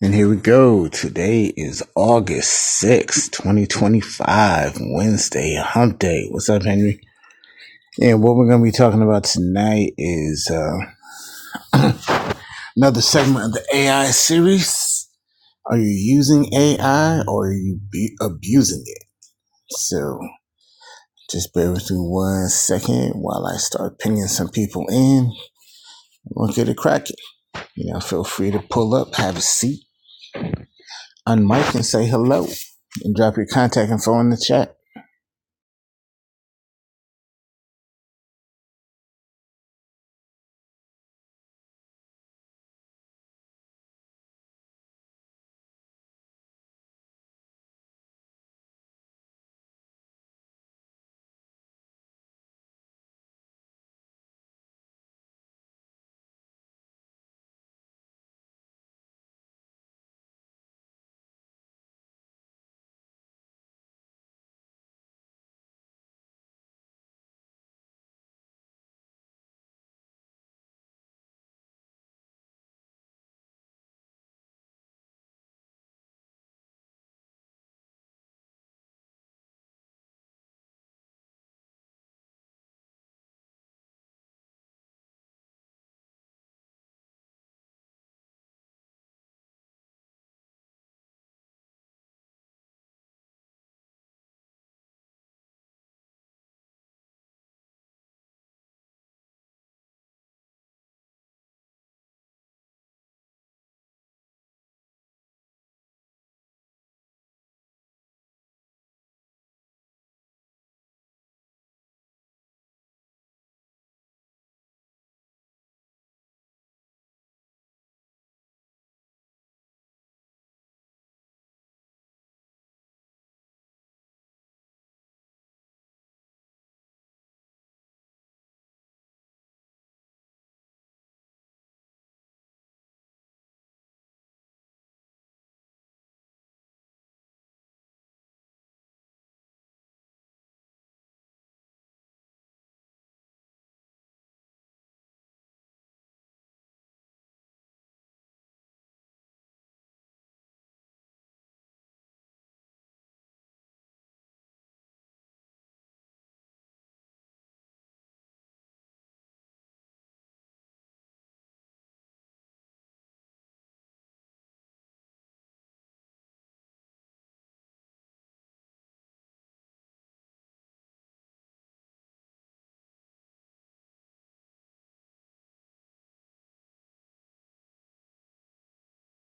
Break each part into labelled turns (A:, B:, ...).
A: And here we go. Today is August 6th, 2025, Wednesday, hump day. What's up, Henry? And what we're going to be talking about tonight is uh, another segment of the AI series. Are you using AI or are you be abusing it? So just bear with me one second while I start pinging some people in. We'll get it cracking. You know, feel free to pull up, have a seat unmic and say hello and drop your contact info in the chat.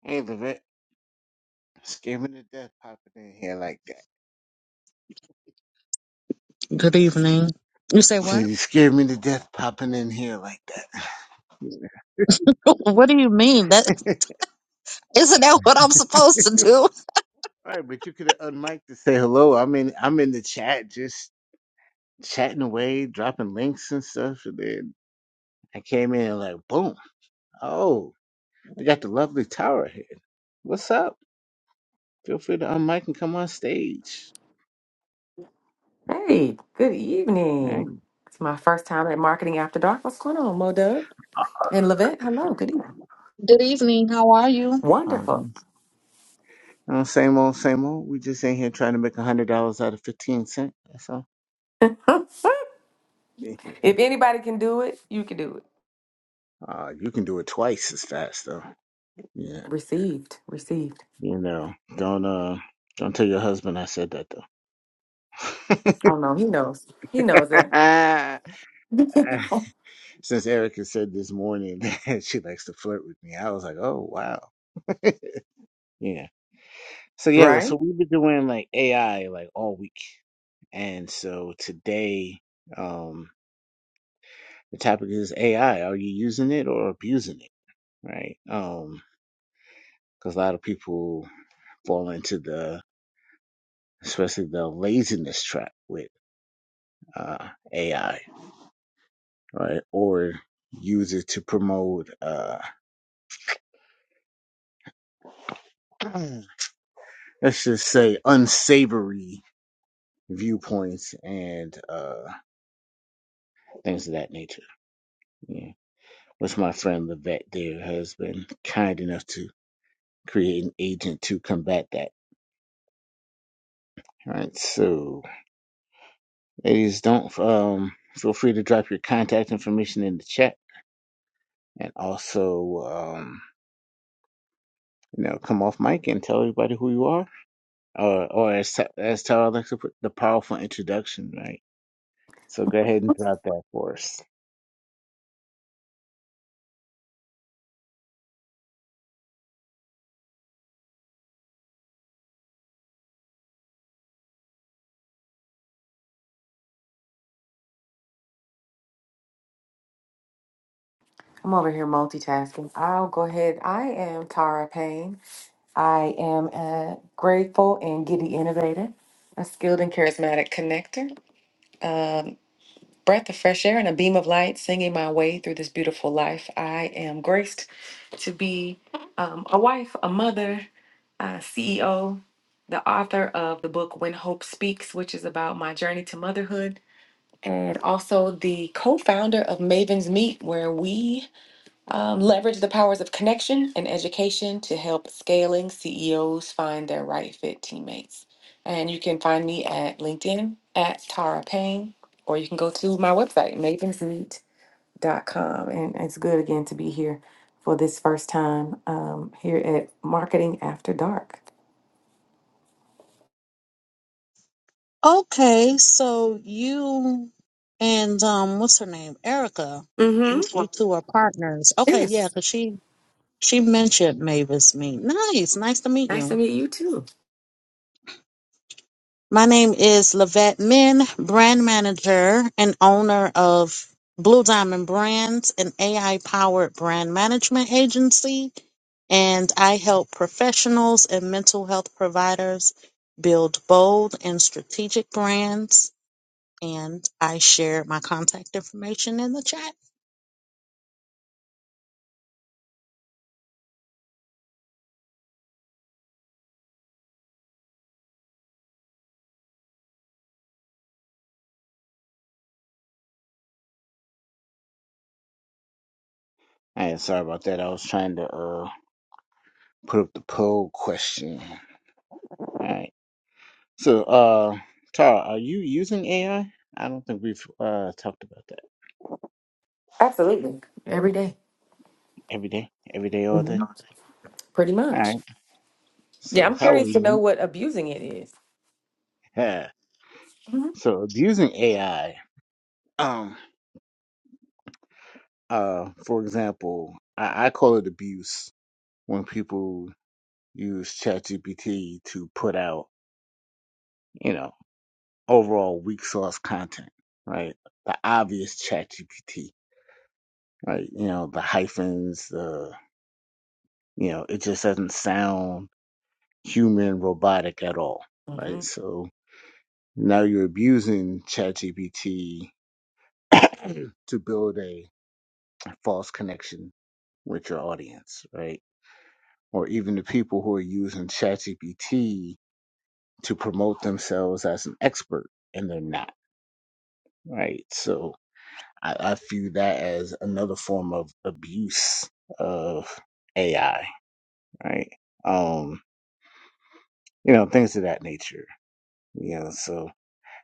A: Hey, Levette, scared me to death popping in here like that.
B: Good evening. You say
A: So
B: what?
A: you scared me to death popping in here like that.
B: What do you mean? That isn't that what I'm supposed to do?
A: All right, but you could have unmiked to say hello. I'm in. I'm in the chat, just chatting away, dropping links and stuff. And then I came in and like, boom. Oh, we got the lovely Tower here. What's up? Feel free to unmic and come on stage.
C: Hey, good
A: Hey,
C: evening. It's my first time at Marketing After Dark. What's going on, Mo Dub? And Levette, hello, good evening.
B: Good evening. How are you?
C: Wonderful.
A: um, you know, same old, same old. We just ain't here trying to make a hundred dollars out of fifteen cent. That's all.
C: if
A: Yeah.
C: anybody can do it, you can do it.
A: Uh, you can do it twice as fast though. Yeah.
C: Received, received.
A: You know, don't uh, don't tell your husband I said that though.
C: Oh no, he knows. He knows it.
A: Since Erica said this morning that she likes to flirt with me, I was like, oh wow. yeah. So yeah, well,
C: right?
A: so we've been doing like AI like all week. And so today, um, the topic is AI. Are you using it or abusing it? Right? Um, because a lot of people fall into the, especially the laziness trap with uh, AI, right? Or use it to promote, uh, let's just say, unsavory viewpoints and uh, things of that nature. yeah. which my friend Levette there has been kind enough to create an agent to combat that. All right, so ladies, don't um feel free to drop your contact information in the chat, and also um you know come off mic and tell everybody who you are, or or as as Tara likes to put the powerful introduction, right? So go ahead and drop that for us.
C: I'm over here multitasking. I'll go ahead. I am Tara Payne. I am a grateful and giddy innovator, a skilled and charismatic connector, um, breath of fresh air and a beam of light singing my way through this beautiful life. I am graced to be um, a wife, a mother, uh, CEO, the author of the book When Hope Speaks, which is about my journey to motherhood, and also the co founder of Maven's Meet, where we um, leverage the powers of connection and education to help scaling CEOs find their right fit teammates. And you can find me at LinkedIn at Tara Payne, or you can go to my website, mavens meet dot com. And it's good again to be here for this first time um, here at Marketing After Dark.
B: Okay, so you and um, what's her name? Erica. You
C: Mm-hmm.
B: you two are partners. Okay, yeah,
C: Yes.
B: 'cause she she mentioned Mavis. Me. Nice. Nice to meet
C: Nice to
B: you.
C: meet you too.
B: My name is Lavette Min, brand manager and owner of Blue Diamond Brands, an AI powered brand management agency. And I help professionals and mental health providers build bold and strategic brands. And I shared my contact information in the chat.
A: All right, sorry about that. I was trying to uh put up the poll question. All right. So, uh, Tara, are you using AI? I I don't think we've uh talked about that
C: Absolutely. Every day.
A: every day, every day, all day.
C: Mhm. Pretty
A: All
C: much.
A: right.
C: Yeah,
A: So,
C: I'm
A: how are
C: curious to know
A: you?
C: what abusing it Mm is.
A: Yeah. So, abusing AI. Um. Uh. For example, I, I call it abuse when people use ChatGPT to put out, you know, overall weak source content, right? The obvious ChatGPT, right? You know, the hyphens, the you know, it just doesn't sound human robotic at all,
C: Mhm.
A: right? So now you're abusing ChatGPT to build a false connection with your audience, right? Or even the people who are using ChatGPT to promote themselves as an expert and they're not, right? So I, I view that as another form of abuse of AI, right? Um, you know, things of that nature. You know, so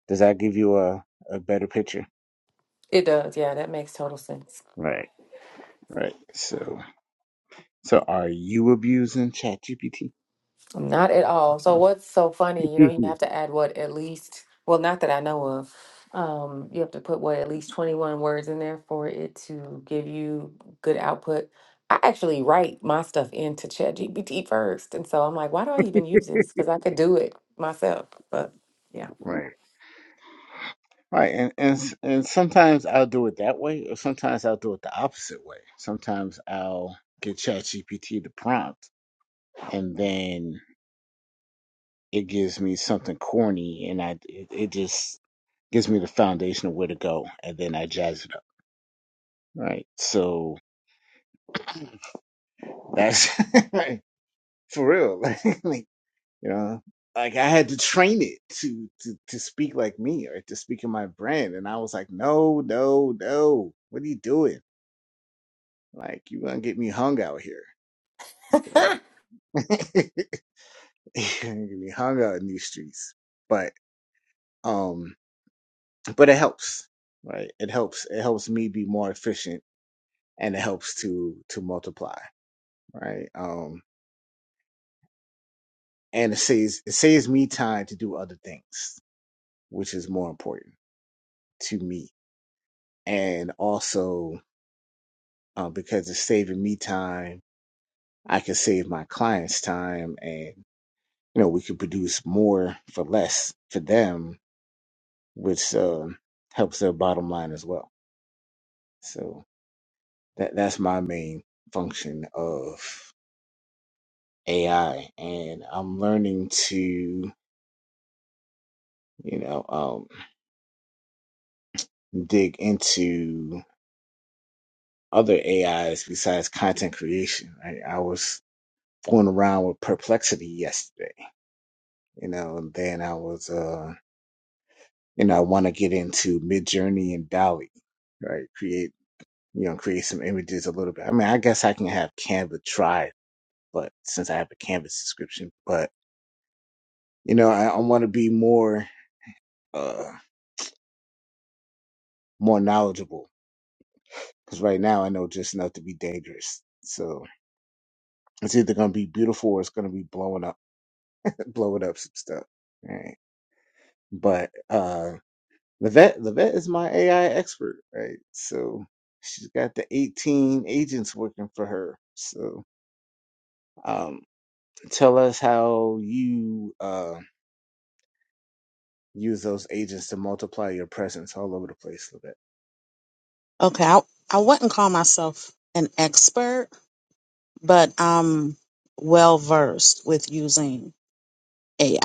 A: does that give you a, a better picture?
C: It does. Yeah, that makes total sense.
A: Right. Right. So, so are you abusing ChatGPT?
C: Not at all. So what's so funny, you know, you have to add what at least, well, not that I know of. Um, you have to put what at least 21 words in there for it to give you good output. I actually write my stuff into ChatGPT first. And so I'm like, why do I even use this? Because I could do it myself. But yeah.
A: right. Right. And, and s- and sometimes I'll do it that way, or sometimes I'll do it the opposite way. Sometimes I'll get ChatGPT the prompt, and then it gives me something corny, and I it, it just gives me the foundation of where to go, and then I jazz it up. Right. So that's for real. you know like i had to train it to to to speak like me or to speak in my brand and i was like no no no what are you doing like you gonna get me hung out here so you're gonna get me hung out in these streets but um but it helps right it helps it helps me be more efficient and it helps to to multiply right um and it saves it saves me time to do other things which is more important to me and also uh, because it's saving me time. I can save my clients time, and you know we can produce more for less for them, which um, helps their bottom line as well. So that that's my main function of AI, and I'm learning to you know um, dig into other AIs besides content creation. I, I was going around with perplexity yesterday, you know, and then I was. Uh, you know, I want to get into Midjourney and Dolly, right? Create, you know, create some images a little bit. I mean, I guess I can have Canva try, but since I have a Canva subscription, but you know, I, I want to be more, uh, more knowledgeable because right now I know just enough to be dangerous. So it's either going to be beautiful or it's going to be blowing up, blowing up some stuff, right? But, uh, the vet, the vet is my AI expert, right? So she's got the 18 agents working for her. So Um, tell us how you uh, use those agents to multiply your presence all over the place a little bit.
B: Okay, I, I wouldn't call myself an expert, but I'm well versed with using AI.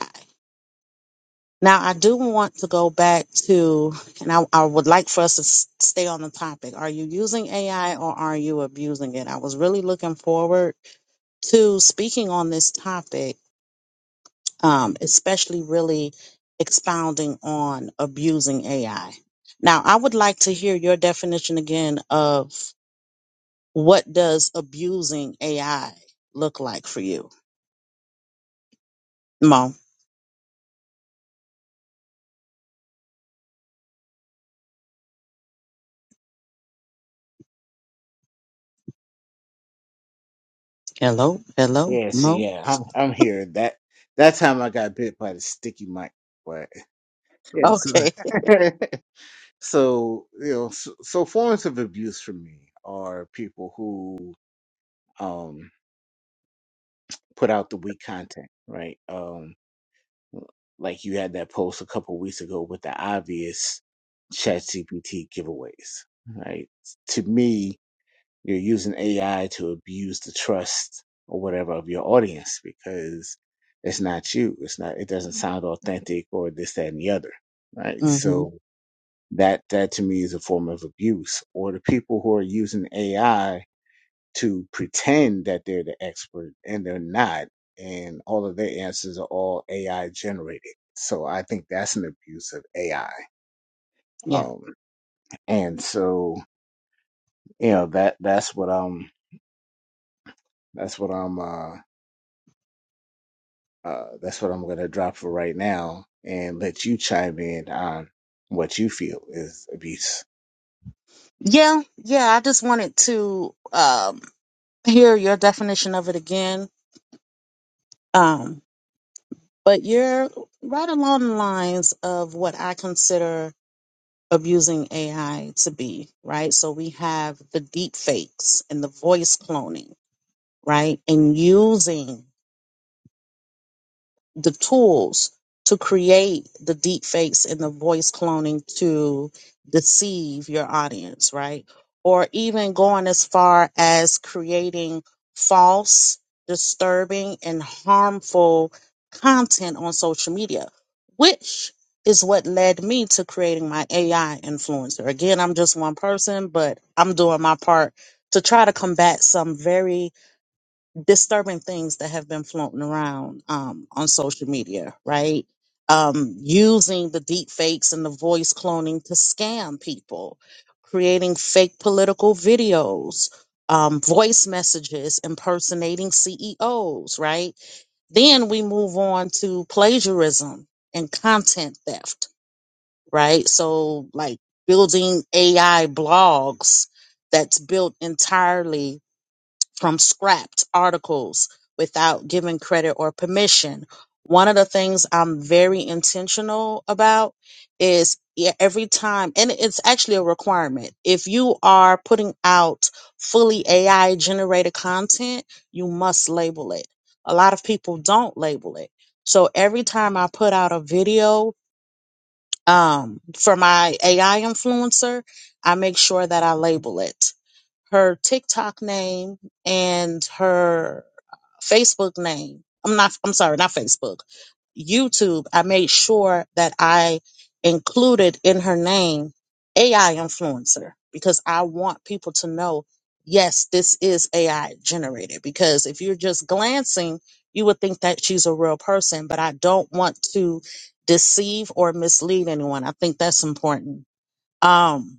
B: Now, I do want to go back to, and I, I would like for us to s- stay on the topic. Are you using AI or are you abusing it? I was really looking forward to speaking on this topic, um, especially really expounding on abusing AI. Now, I would like to hear your definition again of what does abusing AI look like for you, Mo? Hello, hello,
A: Yeah, see,
B: Mo.
A: yeah, I'm I'm here. That that time I got bit by the sticky mic, but yeah, so
B: Okay.
A: so you know, so, so forms of abuse for me are people who um put out the weak content, right? Um, like you had that post a couple weeks ago with the obvious ChatGPT giveaways, right? To me, you're using AI to abuse the trust or whatever of your audience because it's not you. It's not. It doesn't sound authentic or this, that, and the other. Right.
B: hmm
A: So that that to me is a form of abuse. Or the people who are using AI to pretend that they're the expert and they're not, and all of their answers are all AI generated. So I think that's an abuse of AI. Um, and so you know that that's what I'm that's what I'm uh Uh, that's what I'm going to drop for right now and let you chime in on what you feel is abuse.
B: Yeah, yeah. I just wanted to um, hear your definition of it again. Um, but you're right along the lines of what I consider abusing AI to be, right? So we have the deep fakes and the voice cloning, right? And using the tools to create the deep fakes and the voice cloning to deceive your audience, right? Or even going as far as creating false, disturbing, and harmful content on social media, which is what led me to creating my AI influencer. Again, I'm just one person, but I'm doing my part to try to combat some very disturbing things that have been floating around um, on social media, right? Um, using the deep fakes and the voice cloning to scam people, creating fake political videos, um, voice messages impersonating CEOs, right? Then we move on to plagiarism and content theft, right? So, like building AI blogs that's built entirely from scrapped articles without giving credit or permission. One of the things I'm very intentional about is e- every time, and it's actually a requirement. If you are putting out fully AI generated content, you must label it. A lot of people don't label it. So every time I put out a video um, for my AI influencer, I make sure that I label it her TikTok name and her Facebook name. I'm not, I'm sorry, not Facebook, YouTube. I made sure that I included in her name AI influencer because I want people to know, yes, this is AI generated. Because if you're just glancing, you would think that she's a real person, but I don't want to deceive or mislead anyone. I think that's important. Um,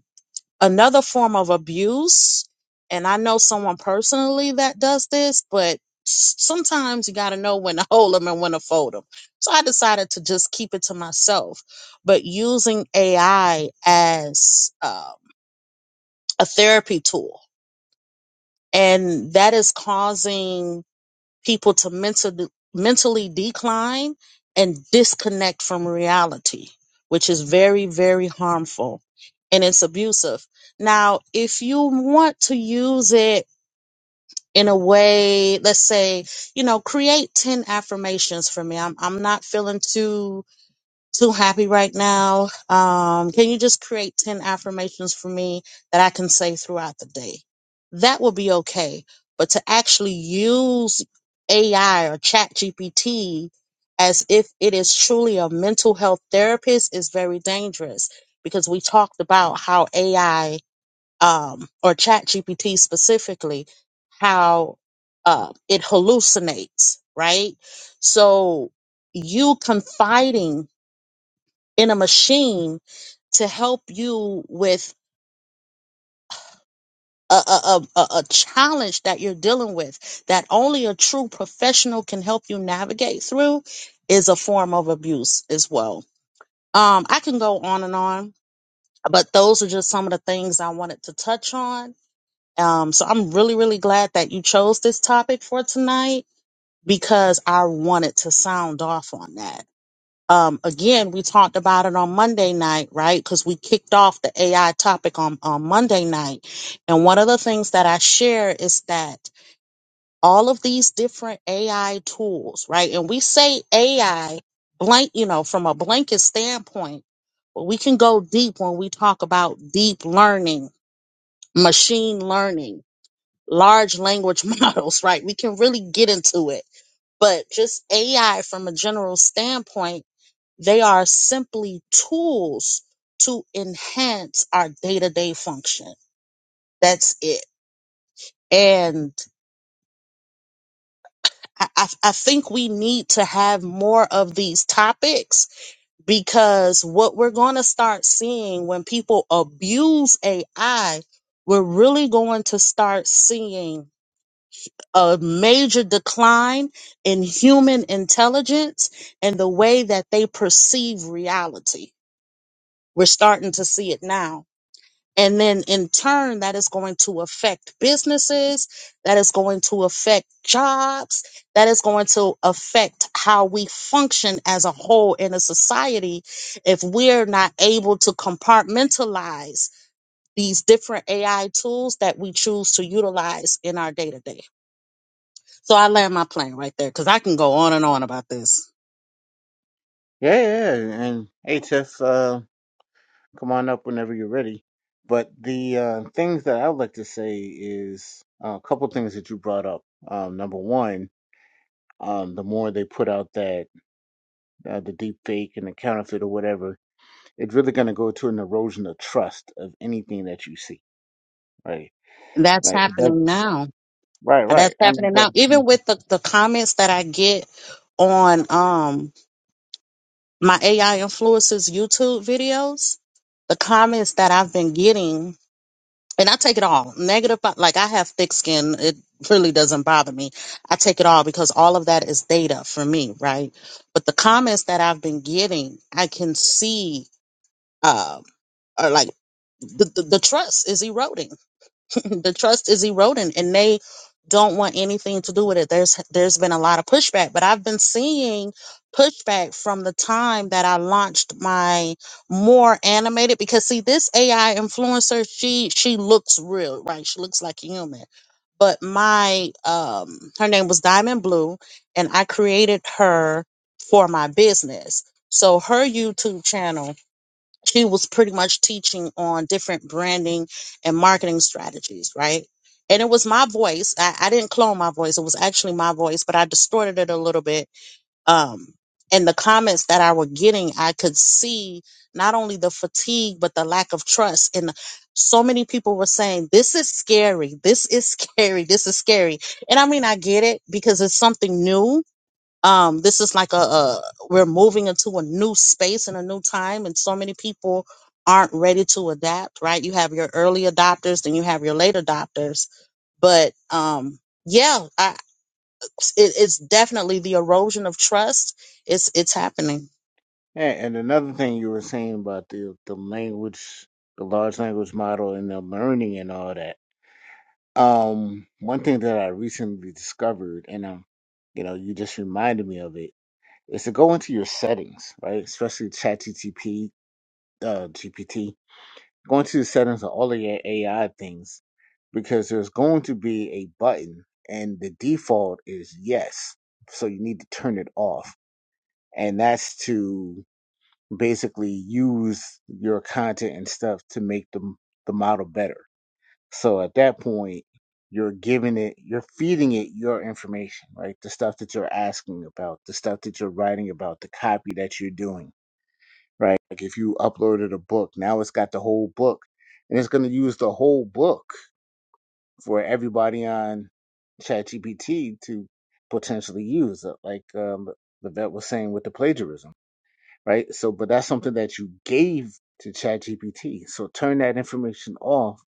B: Another form of abuse, and I know someone personally that does this, but s- sometimes you got to know when to hold them and when to fold them. So I decided to just keep it to myself, but using AI as um, a therapy tool. And that is causing people to mentally mentally decline and disconnect from reality, which is very, very harmful and it's abusive. Now, if you want to use it in a way, let's say, you know, create 10 affirmations for me. I'm, I'm not feeling too too happy right now. Um, can you just create 10 affirmations for me that I can say throughout the day? That will be okay. But to actually use AI or chat GPT as if it is truly a mental health therapist is very dangerous because we talked about how AI um, or chat GPT specifically, how uh, it hallucinates, right? So you confiding in a machine to help you with a, a, a, a a challenge that you're dealing with that only a true professional can help you navigate through is a form of abuse as well. Um, I can go on and on, but those are just some of the things I wanted to touch on. Um, so I'm really, really glad that you chose this topic for tonight because I wanted to sound off on that. um, again, we talked about it on Monday night, right? Because we kicked off the AI topic on, on Monday night. And one of the things that I share is that all of these different AI tools, right? And we say AI blank, you know, from a blanket standpoint, but we can go deep when we talk about deep learning, machine learning, large language models, right? We can really get into it. But just AI from a general standpoint, they are simply tools to enhance our day to day function. That's it. And I, I, I think we need to have more of these topics because what we're going to start seeing when people abuse AI, we're really going to start seeing a major decline in human intelligence and the way that they perceive reality. We're starting to see it now And then in turn, that is going to affect businesses. That is going to affect jobs. That is going to affect how we function as a whole in a society if we're not able to compartmentalize these different AI tools that we choose to utilize in our day to day. So I land my plane right there because I can go on and on about this.
A: Yeah, yeah. yeah. And hey, Tiff, uh, come on up whenever you're ready. But the uh, things that I would like to say is uh, a couple things that you brought up. Um, number one, um, the more they put out that uh, the deep fake and the counterfeit or whatever, it's really going to go to an erosion of trust of anything that you see, right?
B: That's
A: Like, it does-
B: happening now.
A: right, right.
B: That's
A: I mean,
B: happening
A: but
B: now. Even with the, the comments that I get on, um, my AI influencers YouTube videos, the comments that I've been getting, and I take it all negative, but like I have thick skin. It really doesn't bother me. I take it all because all of that is data for me, right? But the comments that I've been getting, I can see, uh, are like the, the, the trust is eroding the trust is eroding and they don't want anything to do with it. There's there's been a lot of pushback, but I've been seeing pushback from the time that I launched my more animated because see this AI influencer, she she looks real, right? She looks like a human. But my um her name was Diamond Blue and I created her for my business. So her YouTube channel she was pretty much teaching on different branding and marketing strategies, right? And it was my voice. I, I didn't clone my voice. It was actually my voice, but I distorted it a little bit. Um, and the comments that I were getting, I could see not only the fatigue, but the lack of trust. And so many people were saying, this is scary. This is scary. This is scary. And I mean, I get it because it's something new um this is like a, a we're moving into a new space and a new time and so many people aren't ready to adapt right you have your early adopters then you have your late adopters but um yeah I, it, it's definitely the erosion of trust it's it's happening
A: And, and another thing you were saying about the the language, the large language model, and the learning and all that. Um, one thing that I recently discovered, and um, you know, you just reminded me of it, is to go into your settings, right? Especially ChatGTP, uh, GPT. Go into the settings of all of your AI things, because there's going to be a button, and the default is yes, so you need to turn it off, and that's to basically use your content and stuff to make the the model better. So at that point, you're giving it, you're feeding it your information, right? The stuff that you're asking about, the stuff that you're writing about, the copy that you're doing, right? Like if you uploaded a book, now it's got the whole book, and it's going to use the whole book for everybody on ChatGPT to potentially use. Like um, the vet was saying with the plagiarism right? So, but that's something that you gave to ChatGPT. So turn that information off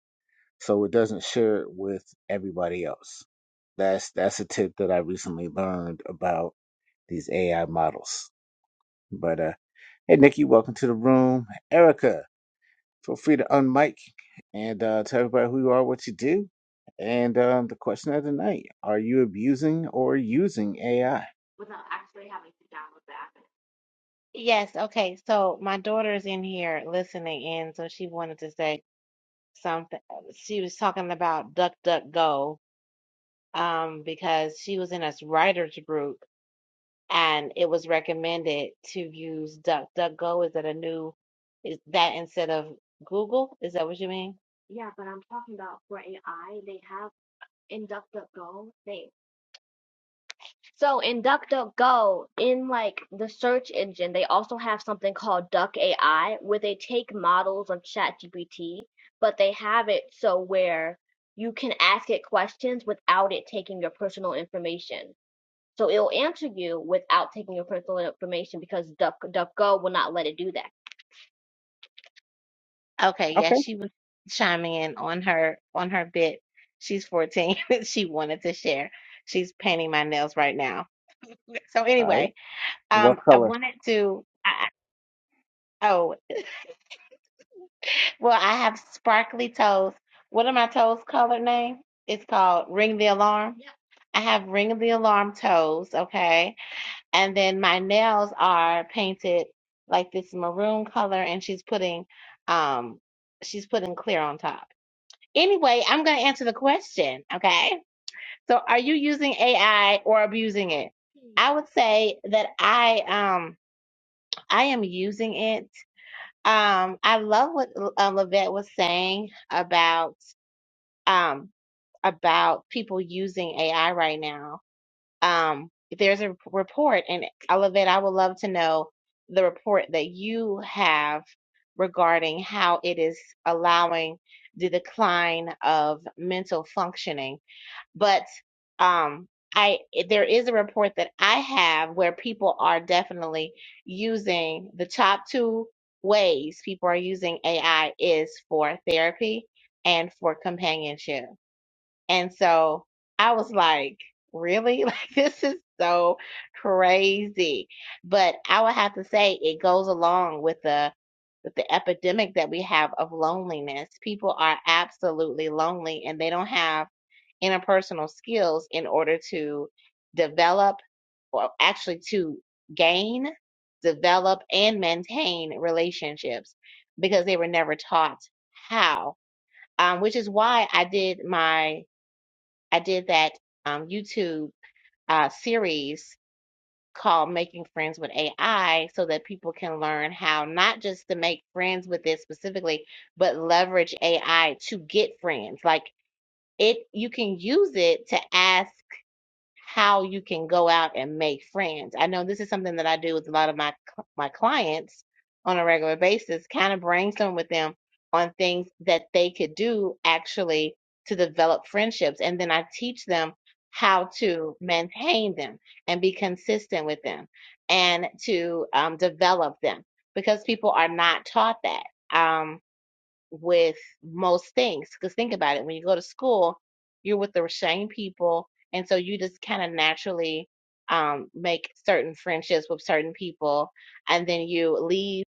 A: so it doesn't share it with everybody else. That's that's a tip that I recently learned about these AI models. But uh, hey, Nikki, welcome to the room. Erica, feel free to unmic and uh, tell everybody who you are, what you do. And um, the question of the night: Are you abusing or using AI?
D: without actually having to download the app. Yes, okay. So my daughter's in here listening in, so she wanted to say something. She was talking about DuckDuckGo, um, because she was in a writers group and it was recommended to use DuckDuckGo. Is that a new, is that instead of Google? Is that what you mean? Yeah, but I'm talking about for AI, they have in DuckDuckGo, they. So in DuckDuckGo, in like the search engine, they also have something called Duck AI, where they take models of ChatGPT, but they have it so where you can ask it questions without it taking your personal information. So it'll answer you without taking your personal information because DuckDuckGo will not let it do that. Okay, yeah,
A: Okay,
D: she was chiming in on her on her bit. She's 14. She wanted to share. She's painting my nails right now. So
A: all
D: anyway,
A: right. What
D: Um, I
A: color?
D: wanted to. I, I- oh, well, I have sparkly toes. What are my toes colored name? It's called Ring the Alarm. Yeah. I have Ring the Alarm toes, okay? And then my nails are painted like this maroon color, and she's putting, um, she's putting clear on top. Anyway, I'm gonna answer the question, okay? So, are you using AI or abusing it? I would say that I, um, I am using it Um, I love what uh, Levette was saying about um, about people using AI right now. Um, there's a report, and uh, Levette, I would love to know the report that you have regarding how it is allowing the decline of mental functioning but um I there is a report that I have where people are definitely using the top two ways people are using AI is for therapy and for companionship. And so I was like, really? Like this is so crazy. But I would have to say it goes along with the with the epidemic that we have of loneliness. People are absolutely lonely and they don't have interpersonal skills in order to develop or actually to gain, develop, and maintain relationships because they were never taught how. Um, which is why I did my I did that um, YouTube uh, series called "Making Friends with AI" so that people can learn how not just to make friends with it specifically, but leverage AI to get friends. Like it, you can use it to ask how you can go out and make friends. I know this is something that I do with a lot of my my clients on a regular basis, kind of brainstorm with them on things that they could do actually to develop friendships and then I teach them how to maintain them and be consistent with them and to um, develop them because people are not taught that. Um, with most things. Because think about it, when you go to school, you're with the same people, and so you just kind of naturally um, make certain friendships with certain people, and then you leave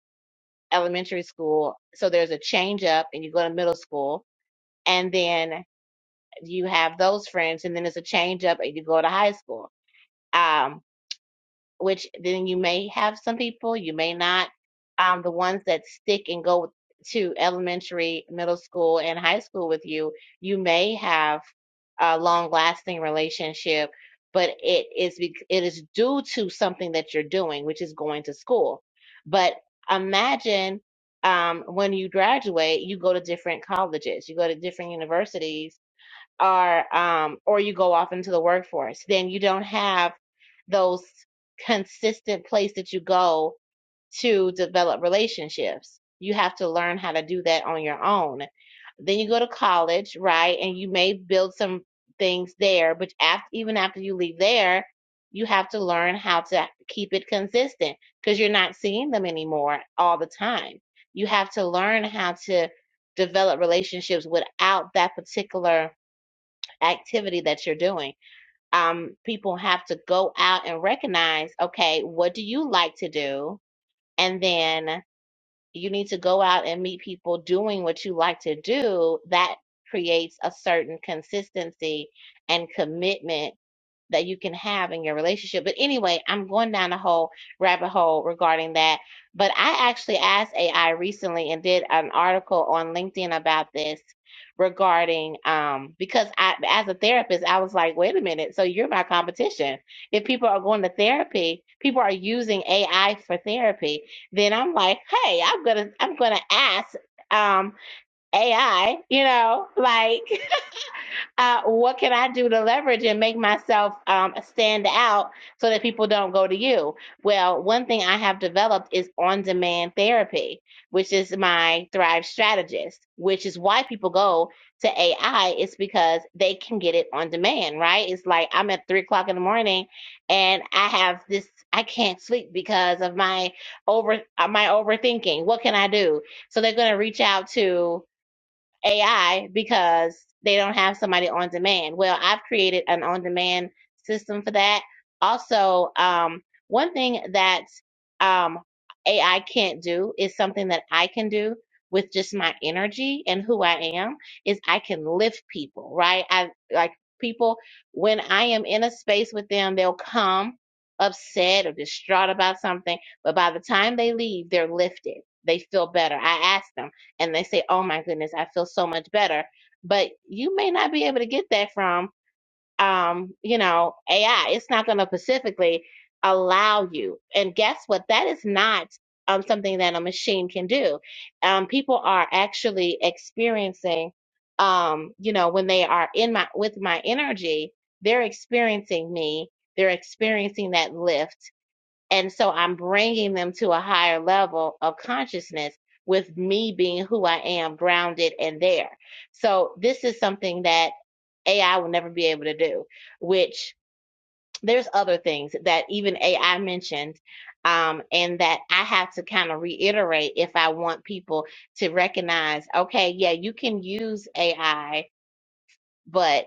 D: elementary school, so there's a change up, and you go to middle school, and then you have those friends, and then there's a change up, and you go to high school. Um, which then you may have some people, you may not. Um, the ones that stick and go to elementary, middle school, and high school with you, you may have a long-lasting relationship, but it is bec- it is due to something that you're doing, which is going to school. But imagine um, when you graduate, you go to different colleges, you go to different universities or um or you go off into the workforce then you don't have those consistent place that you go to develop relationships you have to learn how to do that on your own then you go to college right and you may build some things there but after, even after you leave there you have to learn how to keep it consistent because you're not seeing them anymore all the time you have to learn how to develop relationships without that particular activity that you're doing. Um, people have to go out and recognize, okay, what do you like to do? And then you need to go out and meet people doing what you like to do. That creates a certain consistency and commitment that you can have in your relationship. But anyway, I'm going down a whole rabbit hole regarding that. But I actually asked AI recently and did an article on LinkedIn about this regarding um because I as a therapist I was like wait a minute so you're my competition if people are going to therapy people are using AI for therapy then I'm like hey I'm gonna I'm gonna ask um AI you know like uh, what can I do to leverage and make myself um, stand out so that people don't go to you? Well, one thing I have developed is on demand therapy, which is my Thrive strategist, which is why people go to AI. It's because they can get it on demand, right? It's like I'm at three o'clock in the morning and I have this, I can't sleep because of my over uh, my overthinking. What can I do? So they're going to reach out to AI because they don't have somebody on demand. Well, I've created an on demand system for that. Also, um, one thing that um, AI can't do is something that I can do with just my energy and who I am is I can lift people, right? I like people when I am in a space with them, they'll come upset or distraught about something, but by the time they leave, they're lifted. They feel better. I ask them and they say, "Oh my goodness, I feel so much better." But you may not be able to get that from, um, you know, AI. It's not going to specifically allow you. And guess what? That is not um, something that a machine can do. Um, people are actually experiencing, um, you know, when they are in my with my energy, they're experiencing me. They're experiencing that lift. And so I'm bringing them to a higher level of consciousness with me being who I am, grounded and there. So this is something that AI will never be able to do, which there's other things that even AI mentioned. Um, and that I have to kind of reiterate if I want people to recognize, okay, yeah, you can use AI but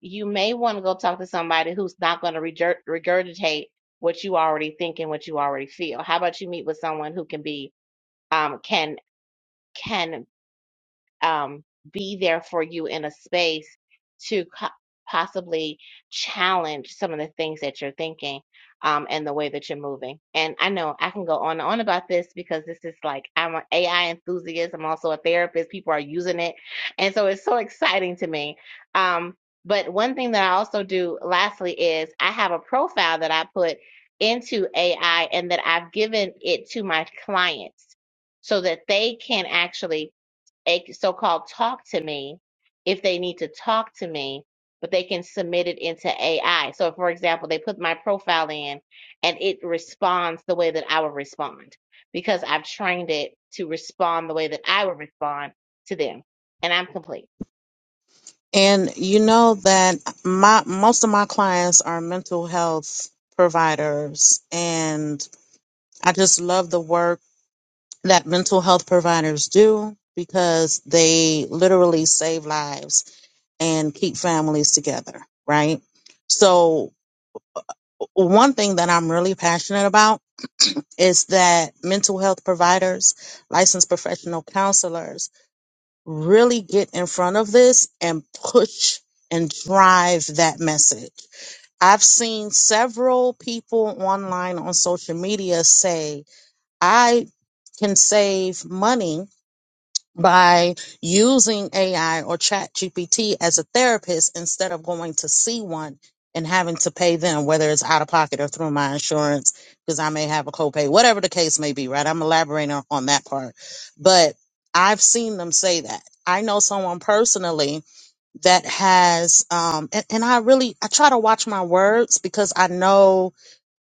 D: you may want to go talk to somebody who's not going to regurgitate what you already think and what you already feel. How about you meet with someone who can be um, can can um, be there for you in a space to co- possibly challenge some of the things that you're thinking um, and the way that you're moving. And I know I can go on and on about this because this is like I'm an AI enthusiast. I'm also a therapist. People are using it, and so it's so exciting to me. Um, but one thing that I also do, lastly, is I have a profile that I put into AI and that I've given it to my clients so that they can actually a so-called talk to me if they need to talk to me but they can submit it into ai so for example they put my profile in and it responds the way that i would respond because i've trained it to respond the way that i would respond to them and i'm complete
B: and you know that my most of my clients are mental health providers and i just love the work that mental health providers do because they literally save lives and keep families together, right? So, one thing that I'm really passionate about is that mental health providers, licensed professional counselors really get in front of this and push and drive that message. I've seen several people online on social media say, I can save money by using AI or chat GPT as a therapist instead of going to see one and having to pay them, whether it's out of pocket or through my insurance, because I may have a copay, whatever the case may be, right? I'm elaborating on on that part. But I've seen them say that. I know someone personally that has, um, and, and I really, I try to watch my words because I know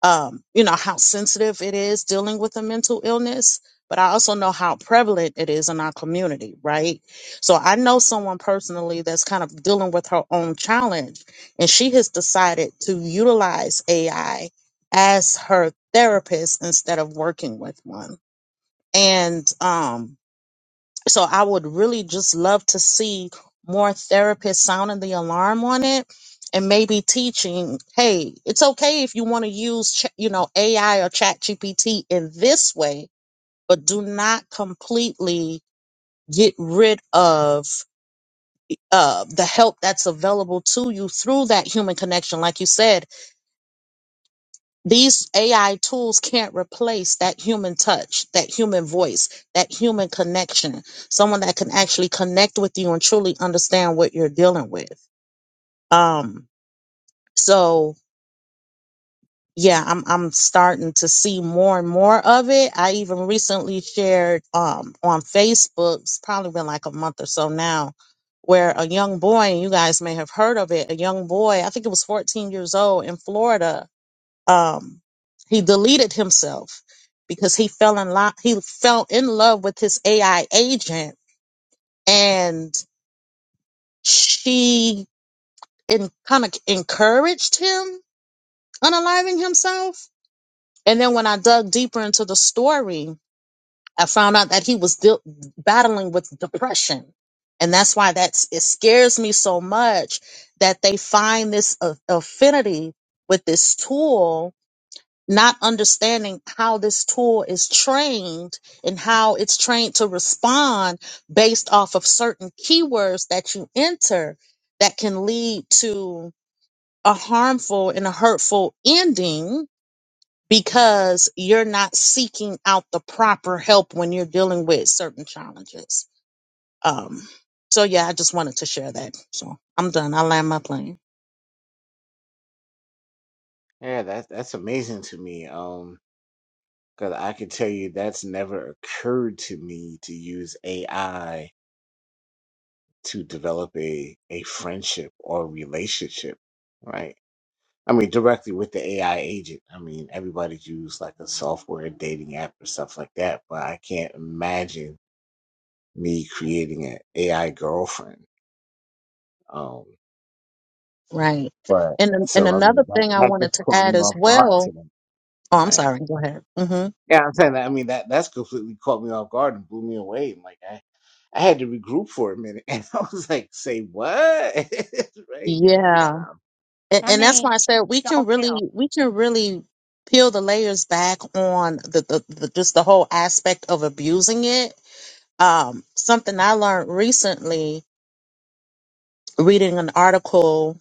B: um, you know, how sensitive it is dealing with a mental illness, but I also know how prevalent it is in our community, right? So I know someone personally that's kind of dealing with her own challenge, and she has decided to utilize AI as her therapist instead of working with one. And, um, so I would really just love to see more therapists sounding the alarm on it and maybe teaching, hey, it's okay if you want to use, Ch- you know, AI or chat GPT in this way, but do not completely get rid of uh, the help that's available to you through that human connection. Like you said, These AI tools can't replace that human touch, that human voice, that human connection. Someone that can actually connect with you and truly understand what you're dealing with. Um, so yeah, I'm I'm starting to see more and more of it. I even recently shared um on Facebook, it's probably been like a month or so now, where a young boy, and you guys may have heard of it, a young boy, I think it was 14 years old in Florida um, he deleted himself because he fell in love. He fell in love with his AI agent, and she in, kind of encouraged him unaliving himself. And then when I dug deeper into the story, I found out that he was deal battling with depression, and that's why that's it scares me so much that they find this a- affinity with this tool not understanding how this tool is trained and how it's trained to respond based off of certain keywords that you enter that can lead to a harmful and a hurtful ending because you're not seeking out the proper help when you're dealing with certain challenges. Um, so yeah, I just wanted to share that. So I'm done. I land my plane.
A: Yeah, that that's amazing to me. Um, Because I can tell you that's never occurred to me to use AI to develop a, a friendship or relationship, right? I mean, directly with the AI agent. I mean, everybody's used like a software dating app or stuff like that, but I can't imagine me creating an AI girlfriend. Um,
B: Right.
A: but
B: And and
A: so, I mean,
B: another
A: that,
B: thing I
A: that
B: wanted
A: just
B: to
A: caught
B: add
A: me
B: as
A: off guard
B: well.
A: today,
B: Oh, I'm
A: right?
B: sorry. Go ahead. Mm-hmm.
A: Yeah, I'm saying that. I mean, that that's completely caught me off guard and blew me away. And like, I, I had to regroup for a minute, and I was like, "Say what?" right? Like,
B: Yeah.
A: wow.
B: And,
D: i'm,
B: and that's why I said we can really we can really peel the layers back on the, the, the just the whole aspect of abusing it. Um, something I learned recently reading an article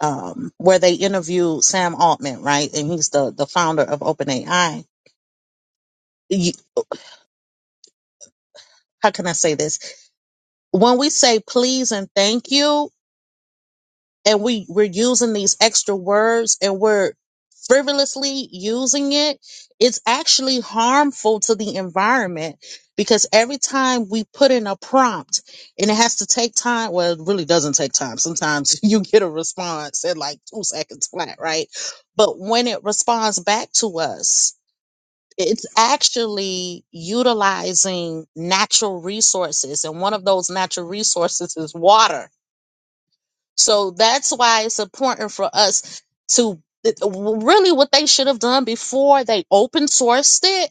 B: um, where they interviewed Sam Altman, right? And he's the, the founder of OpenAI. You, how can I say this? When we say please and thank you, and we we're using these extra words and we're frivolously using it it's actually harmful to the environment because every time we put in a prompt and it has to take time well it really doesn't take time sometimes you get a response in like two seconds flat right but when it responds back to us it's actually utilizing natural resources and one of those natural resources is water so that's why it's important for us to really what they should have done before they open sourced it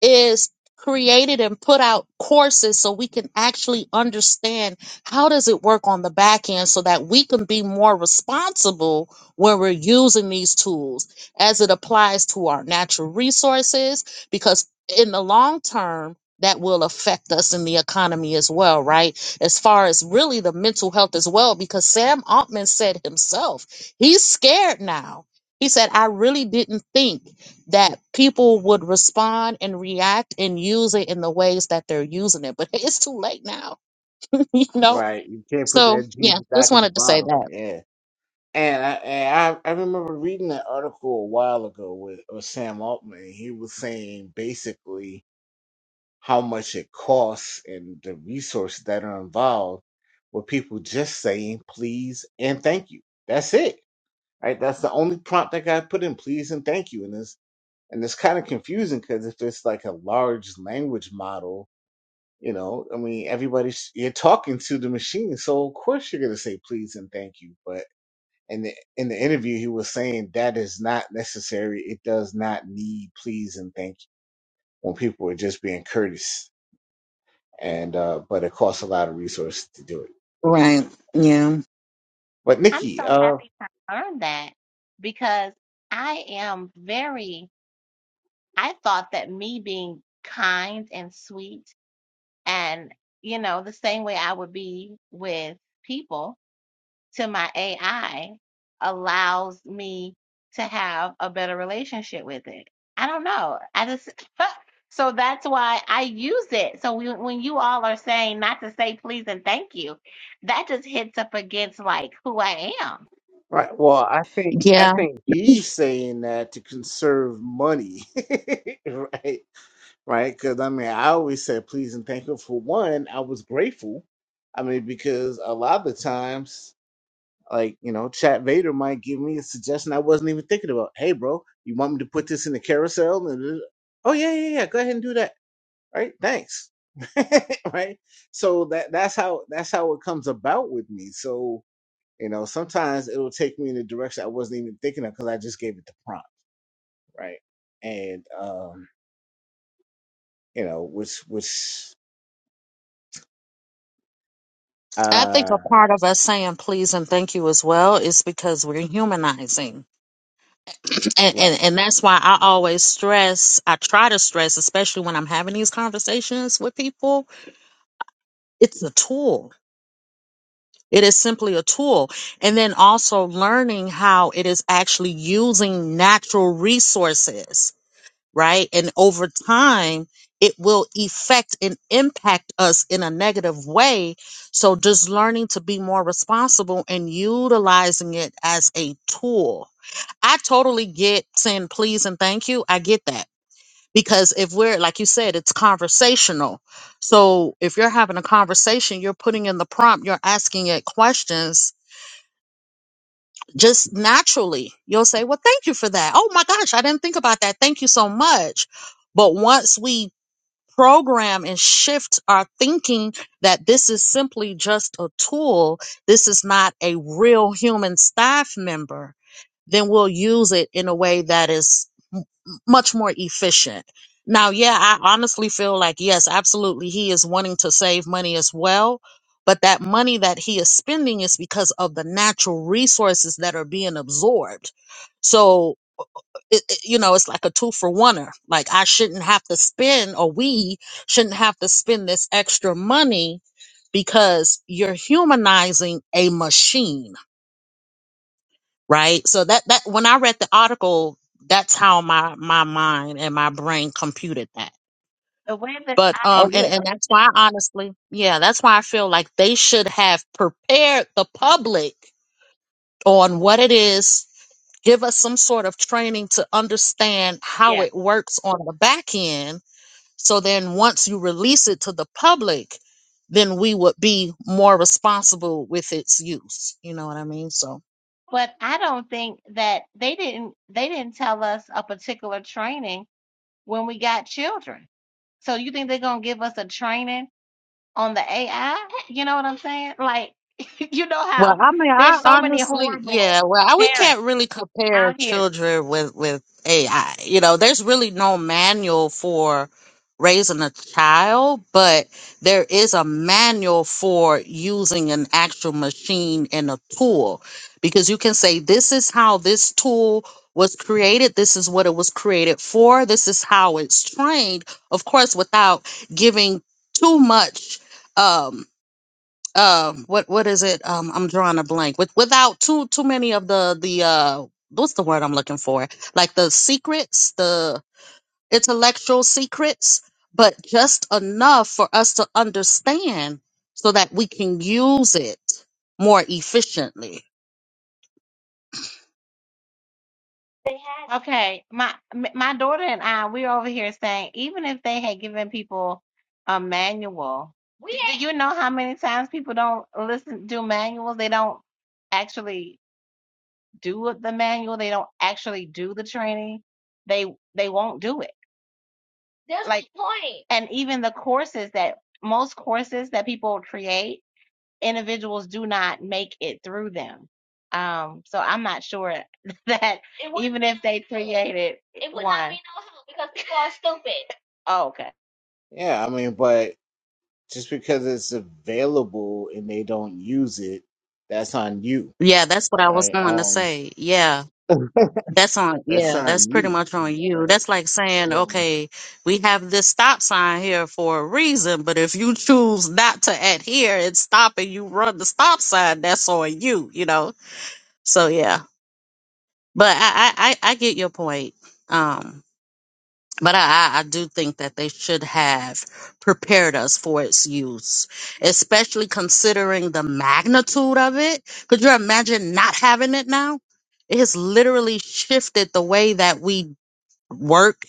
B: is created and put out courses so we can actually understand how does it work on the back end so that we can be more responsible when we're using these tools as it applies to our natural resources because in the long term that will affect us in the economy as well right as far as really the mental health as well because Sam Altman said himself he's scared now he said I really didn't think that people would respond and react and use it in the ways that they're using it. But it's too late now, you know?
A: Right. You can't put
B: So,
A: that genie
B: yeah, just
A: back in the
B: wanted to say
A: bottle.
B: that.
A: Yeah. And I, and I I remember reading that article a while ago with, with Sam Altman. and He was saying basically how much it costs and the resources that are involved with people just saying please and thank you. That's it right? That's the only prompt I got to put in, please and thank you. And it's and it's kind of confusing because if it's like a large language model, you know, I mean, everybody's you're talking to the machine, so of course you're gonna say please and thank you. But in the in the interview, he was saying that is not necessary. It does not need please and thank you when people are just being courteous. And uh, but it costs a lot of resources to do it.
B: Right. Yeah.
A: But
D: I'm so
A: Nikki, uh,
D: happy to learn that because i am very i thought that me being kind and sweet and you know the same way i would be with people to my AI allows me to have a better relationship with it. I don't know. I just so that's why I use it. So we, when you all are saying not to say please and thank you, that just hits up against like who I am,
A: Right. Well, I think I
B: Yeah.
A: think he's saying that to conserve money, right? Right? Because I mean, I always said please and thank you for one. I was grateful. I mean, because a lot of the times, like you know, Chat Vader might give me a suggestion I wasn't even thinking about. Hey, bro, you want me to put this in the carousel? And oh yeah, yeah, yeah. Go ahead and do that. Right? Thanks. right? So that that's how that's how it comes about with me. So you know, sometimes it'll take me in a direction I wasn't even thinking of because I just gave it the prompt, right? And um, you know, which which
B: I think
A: uh
B: a part of us saying please and thank you as well is because we're humanizing. And,
A: right.
B: and and that's why I always stress, I try to stress, especially when I'm having these conversations with people, it's a tool. It is simply a tool. And then also learning how it is actually using natural resources, right? And over time, it will affect and impact us in a negative way. So just learning to be more responsible and utilizing it as a tool. I totally get saying please and thank you. I get that. Because if we're, like you said, it's conversational. So if you're having a conversation, you're putting in the prompt, you're asking it questions just naturally you'll say well thank you for that oh my gosh i didn't think about that thank you so much but once we program and shift our thinking that this is simply just a tool this is not a real human staff member then we'll use it in a way that is m- much more efficient. Now, yeah, I honestly feel like, yes, absolutely, he is wanting to save money as well. But that money that he is spending is because of the natural resources that are being absorbed. So, it, it- you know, it's like a two for oneer. Like, I shouldn't have to spend, or we shouldn't have to spend this extra money because you're humanizing a machine right so that that when i read the article that's how my my mind and my brain computed that
D: the way that
B: but
D: I
A: Oh
B: um and
A: yeah.
B: and that's why I honestly yeah that's why i feel like they should have prepared the public on what it is give us some sort of training to understand how
D: yeah.
B: it works on the back end so then once you release it to the public then we would be more responsible with its use you know what i mean so
D: But I don't think that they didn't they didn't tell us a particular training when we got children. So you think they're gonna give us a training? on the AI. You know what I'm saying? Like, you know
B: Well,
D: how
B: I mean, I
D: there's so many
B: honestly,
D: horrible
B: yeah. Well, I, we
D: parents
B: can't really compare
D: out here.
B: children with with AI. You know, there's really no manual for raising a child, but there is a manual for using an actual machine and a tool because you can say this is how this tool was created, this is what it was created for, this is how it's trained. Of course, without giving too much. um um what what is it um i'm drawing a blank with without too too many of the the uh what's the word i'm looking for like the secrets the intellectual secrets but just enough for us to understand so that we can use it more efficiently
D: Okay, my m- my daughter and I, we're over here saying even if they had given people a manual, we do ain't- you know how many times people don't listen do manuals? They don't actually do it- the manual. They don't actually do the training. They they won't do it. That's the Like, point. and even the courses that most courses that people create. individuals do not make it through them. Um, so I'm not sure that would even if no they help. created It would one. not be no help because people are stupid. Oh, okay.
A: Yeah, I mean, but just because it's available and they don't use it, that's on you.
B: yeah that's what i was
A: Right.
B: going to
A: Um
B: say Yeah. That's on,
A: that's
B: yeah, that's
A: on
B: pretty
A: you.
B: much on you.
A: Right.
B: That's like saying,
A: So
B: okay, we have this stop sign here for a reason, but if you choose not to adhere and stop and you run the stop sign, that's on you, you know? So yeah. But I I, I I get your point. Um but I, I I do think that they should have prepared us for its use, especially considering the magnitude of it. Could you imagine not having it now? it has literally shifted the way that we work,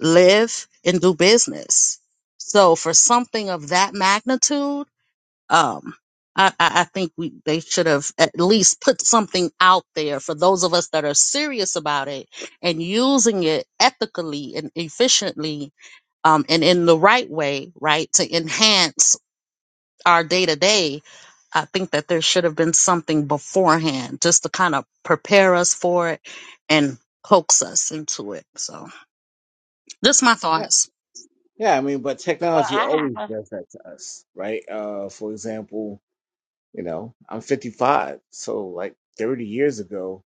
B: live, and do business. So for something of that magnitude, um, I, I I think we they should have at least put something out there for those of us that are serious about it and using it ethically and efficiently um, and in the right way, right, to enhance our day to day, I think that there should have been something beforehand just to kind of prepare us for it and coax us into it. So. Just my
A: yeah.
B: thoughts.
A: Yeah, I mean, but
D: Well,
A: technology
D: I have
A: always does that to us, right? Uh for example, you know, I'm 55, so like 30 years ago,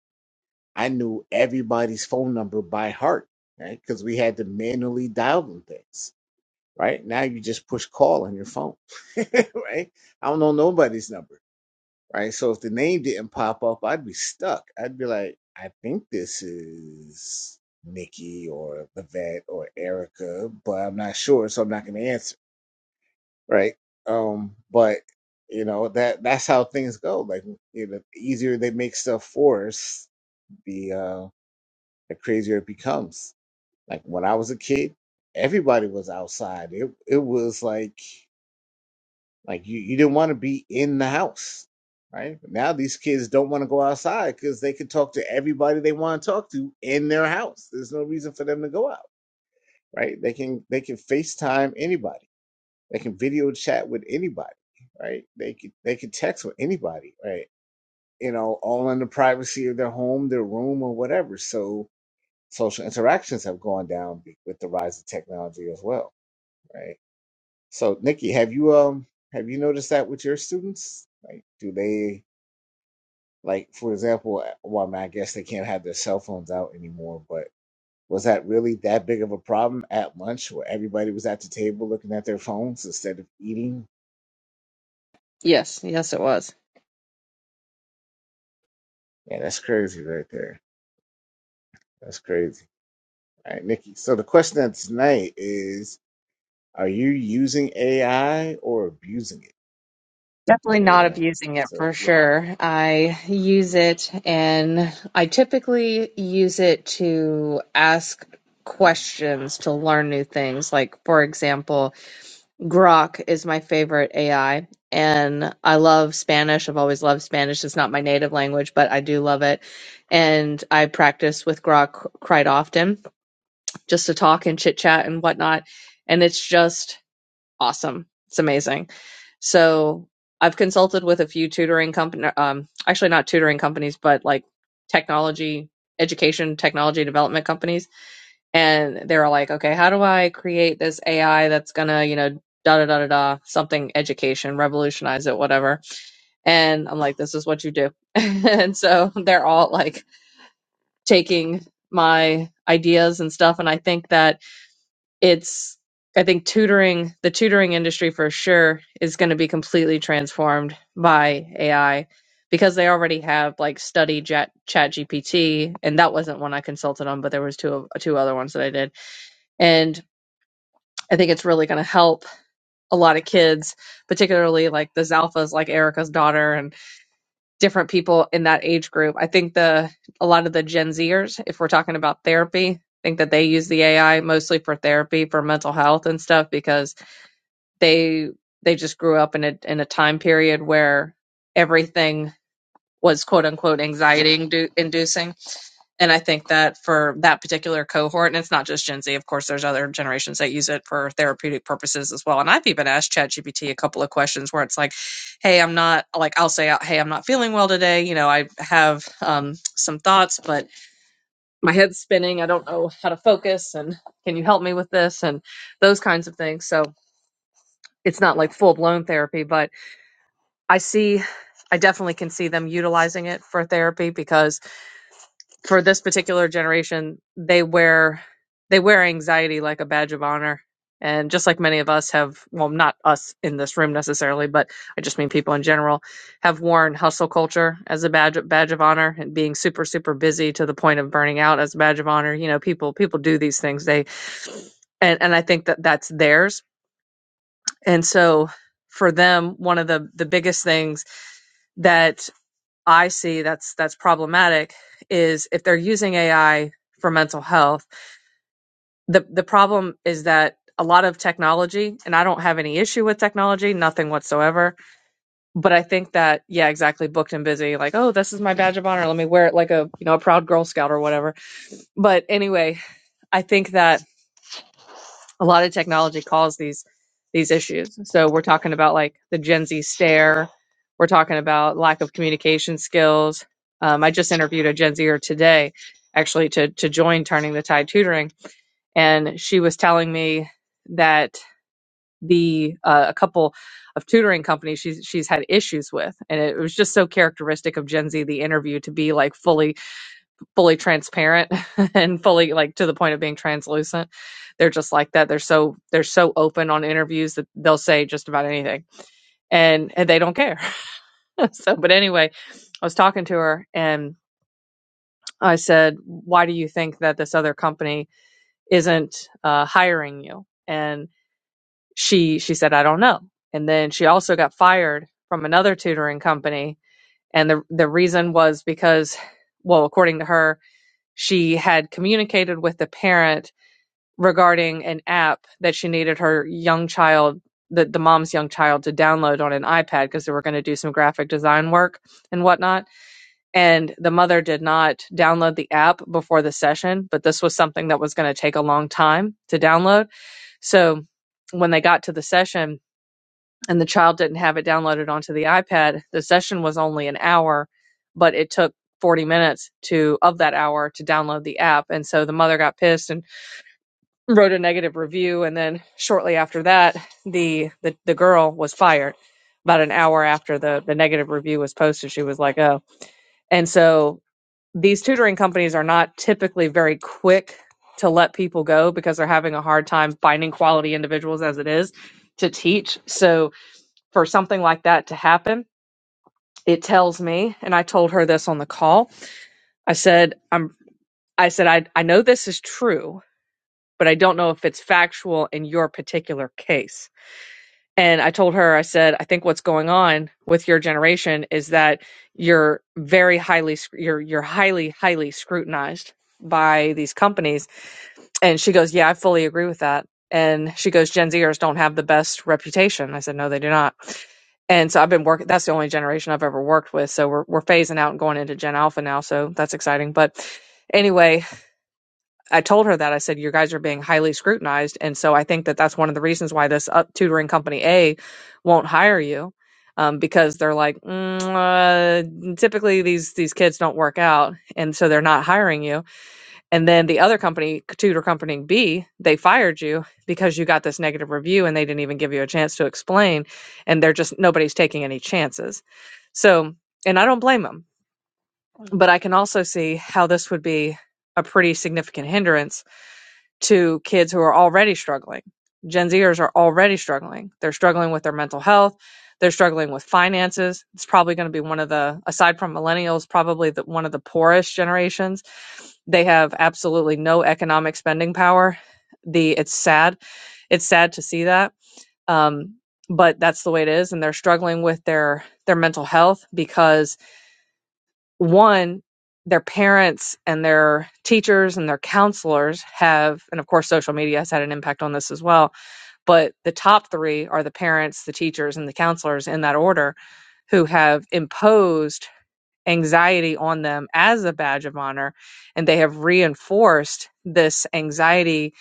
A: I knew everybody's phone number by heart, right? Because we had to manually dial them things, right? Now you just push call on your phone, right? I don't know nobody's number, right? So if the name didn't pop up, I'd be stuck. I'd be like, I think this is Nikki or Levette or Erica, but I'm not sure, so I'm not going to answer, right? Um, but you know that that's how things go. Like, you know, the easier they make stuff for us, the. uh the crazier it becomes. Like when I was a kid, everybody was outside. It it was like like you, you didn't want to be in the house, right? But now these kids don't want to go outside because they can talk to everybody they want to talk to in their house. There's no reason for them to go out, right? They can they can FaceTime anybody. They can video chat with anybody, right? They can they can text with anybody, right? You know, all in the privacy of their home, their room, or whatever. So social interactions have gone down with the rise of technology as well, right? So, Nikki, have you um have you noticed that with your students? Like, do they like, for example, uh, well, I, mean, I guess they can't have their cell phones out anymore, but was that really that big of a problem at lunch where everybody was at the table looking at their phones instead of eating?
E: Yes, yes, it was.
A: Yeah, that's crazy right there. That's crazy. All right, Nikki. So the question of tonight is, are you using AI or abusing
E: Definitely
A: it?
E: not
A: You know,
E: abusing it
A: so
E: for
A: you know.
E: sure. I use it and I typically use it to ask questions to learn new things. Like, for example, Grok is my favorite AI and I love Spanish. I've always loved Spanish. It's not my native language, but I do love it. And I practice with Grok quite often just to talk and chit chat and whatnot. And it's just awesome. It's amazing. So I've consulted with a few tutoring company, um, actually not tutoring companies, but like technology, education, technology development companies, and they're like, okay, how do I create this AI that's gonna, you know, da da da da da, something education, revolutionize it, whatever. And I'm like, this is what you do. and so they're all like taking my ideas and stuff, and I think that it's I think tutoring the tutoring industry for sure is going to be completely transformed by AI because they already have like study chat chat GPT and that wasn't one I consulted on but there was two of- two other ones that I did and I think it's really going to help a lot of kids particularly like the Zalphas, like Erica's daughter and different people in that age group I think the a lot of the Gen Zers if we're talking about therapy I think that they use the AI mostly for therapy for mental health and stuff because they they just grew up in a in a time period where everything was quote unquote anxiety indu- inducing and i think that for that particular cohort and it's not just gen z of course there's other generations that use it for therapeutic purposes as well and i've even asked ChatGPT a couple of questions where it's like hey i'm not like i'll say uh, hey i'm not feeling well today you know i have um, some thoughts but my head's spinning i don't know how to focus and can you help me with this and those kinds of things so it's not like full blown therapy, but I see, I definitely can see them utilizing it for therapy because for this particular generation, they wear they wear anxiety like a badge of honor. And just like many of us have, well, not us in this room necessarily, but I just mean people in general have worn hustle culture as a badge badge of honor and being super super busy to the point of burning out as a badge of honor. You know, people people do these things. They and and I think that that's theirs. And so for them, one of the the biggest things that I see that's that's problematic is if they're using AI for mental health. The the problem is that a lot of technology, and I don't have any issue with technology, nothing whatsoever. But I think that, yeah, exactly, booked and busy, like, oh, this is my badge of honor. Let me wear it like a you know a proud Girl Scout or whatever. But anyway, I think that a lot of technology caused these these issues. So we're talking about like the Gen Z stare. We're talking about lack of communication skills. Um, I just interviewed a Gen Zer today, actually to to join Turning the Tide Tutoring, and she was telling me that the uh, a couple of tutoring companies she's she's had issues with, and it was just so characteristic of Gen Z the interview to be like fully fully transparent and fully like to the point of being translucent. They're just like that. They're so they're so open on interviews that they'll say just about anything and, and they don't care. so but anyway, I was talking to her and I said, "Why do you think that this other company isn't uh, hiring you?" And she she said, "I don't know." And then she also got fired from another tutoring company, and the the reason was because, well, according to her, she had communicated with the parent regarding an app that she needed her young child, the, the mom's young child, to download on an iPad because they were going to do some graphic design work and whatnot. And the mother did not download the app before the session, but this was something that was going to take a long time to download. So when they got to the session and the child didn't have it downloaded onto the iPad, the session was only an hour, but it took 40 minutes to of that hour to download the app and so the mother got pissed and wrote a negative review and then shortly after that the the, the girl was fired about an hour after the the negative review was posted she was like oh and so these tutoring companies are not typically very quick to let people go because they're having a hard time finding quality individuals as it is to teach so for something like that to happen it tells me and i told her this on the call i said i'm i said i, I know this is true but i don't know if it's factual in your particular case And I told her, I said, I think what's going on with your generation is that you're very highly, sc- you're, you're highly, highly scrutinized by these companies. And she goes, Yeah, I fully agree with that. And she goes, Gen Zers don't have the best reputation. I said, No, they do not. And so I've been working, that's the only generation I've ever worked with. So we're, we're phasing out and going into Gen Alpha now. So that's exciting. But anyway, I told her that I said you guys are being highly scrutinized, and so I think that that's one of the reasons why this up tutoring company A won't hire you, um, because they're like mm, uh, typically these these kids don't work out, and so they're not hiring you. And then the other company, tutor company B, they fired you because you got this negative review, and they didn't even give you a chance to explain, and they're just nobody's taking any chances. So, and I don't blame them, but I can also see how this would be a pretty significant hindrance to kids who are already struggling. Gen Zers are already struggling. They're struggling with their mental health. They're struggling with finances. It's probably going to be one of the, aside from millennials, probably the, one of the poorest generations. They have absolutely no economic spending power. The it's sad. It's sad to see that, um, but that's the way it is. And they're struggling with their their mental health because one, their parents and their teachers and their counselors have, and of course, social media has had an impact on this as well. But the top three are the parents, the teachers, and the counselors in that order who have imposed anxiety on them as a badge of honor. And they have reinforced this anxiety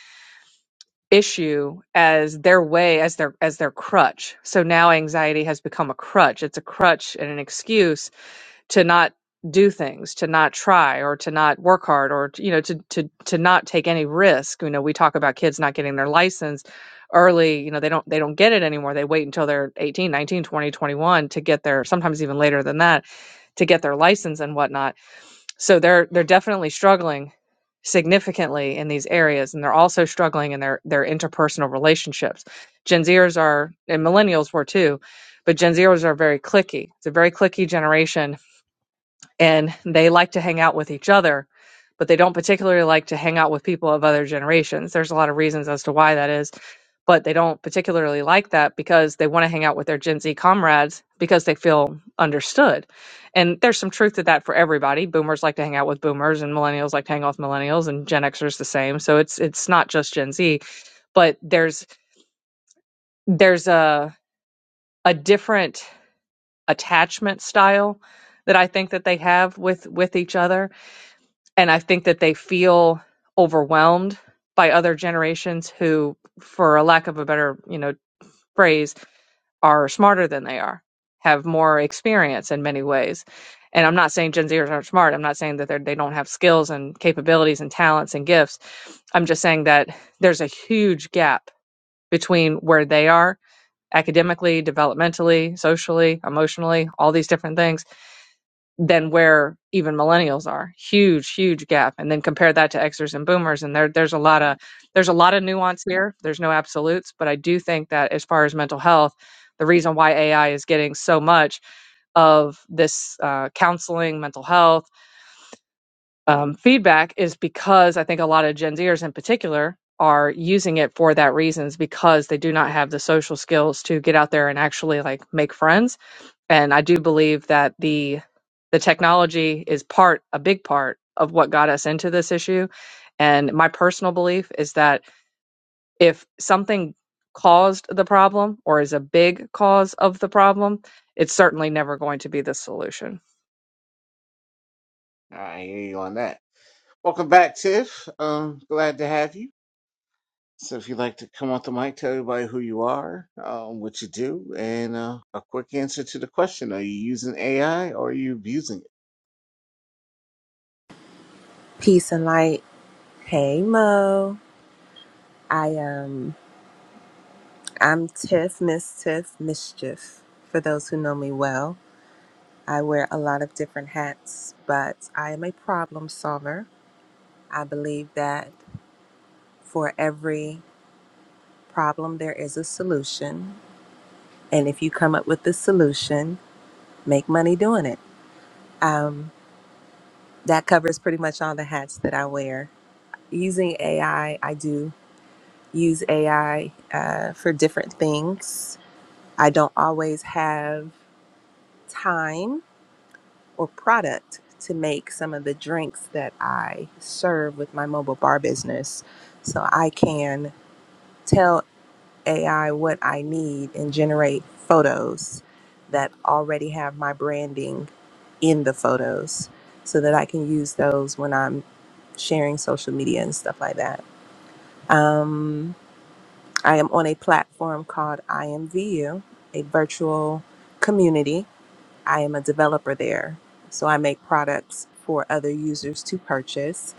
E: issue as their way, as their, as their crutch. So now anxiety has become a crutch. It's a crutch and an excuse to not do things to not try or to not work hard or you know to to to not take any risk you know we talk about kids not getting their license early you know they don't they don't get it anymore they wait until they're eighteen, nineteen, twenty one to get their sometimes even later than that to get their license and whatnot so they're they're definitely struggling significantly in these areas and they're also struggling in their their interpersonal relationships gen zers are and millennials were too but gen zers are very clicky it's a very clicky generation and they like to hang out with each other, but they don't particularly like to hang out with people of other generations. There's a lot of reasons as to why that is, but they don't particularly like that because they want to hang out with their Gen Z comrades because they feel understood. And there's some truth to that for everybody. Boomers like to hang out with boomers and millennials like to hang out with millennials and Gen Xers the same. So it's it's not just Gen Z, but there's there's a a different attachment style that I think that they have with with each other and I think that they feel overwhelmed by other generations who, for a lack of a better, you know, phrase, are smarter than they are, have more experience in many ways. And I'm not saying Gen Zers aren't smart. I'm not saying that they're- they don't have skills and capabilities and talents and gifts. I'm just saying that there's a huge gap between where they are academically, developmentally, socially, emotionally, all these different things than where even millennials are. Huge, huge gap. And then compare that to Xers and Boomers, and there there's a lot of there's a lot of nuance here. There's no absolutes, but I do think that as far as mental health, the reason why AI is getting so much of this uh, counseling, mental health um, feedback is because I think a lot of Gen Zers in particular are using it for that reasons because they do not have the social skills to get out there and actually like make friends and I do believe that the the technology is part a big part of what got us into this issue and my personal belief is that if something caused the problem or is a big cause of the problem it's certainly never going to be the solution
A: I hear you on that. Welcome back, Tiff. Um, glad to have you. So, if you'd like to come off the mic, tell everybody who you are, um, what you do, and uh, a quick answer to the question: Are you using AI or are you abusing it?
F: Peace and light. Hey Mo. I um I'm Tiff, Miss Tiff Mischief. For those who know me well, I wear a lot of different hats, but I am a problem solver. I believe that for every problem there is a solution, and if you come up with the solution, make money doing it. Um that covers pretty much all the hats that I wear. Using AI, I I do use AI uh, for different things I don't always have time or product to make some of the drinks that I serve with my mobile bar business. So I can tell AI what I need and generate photos that already have my branding in the photos so that I can use those when I'm sharing social media and stuff like that. Um, I am on a platform called IMVU, a virtual community I am a developer there, so I make products for other users to purchase.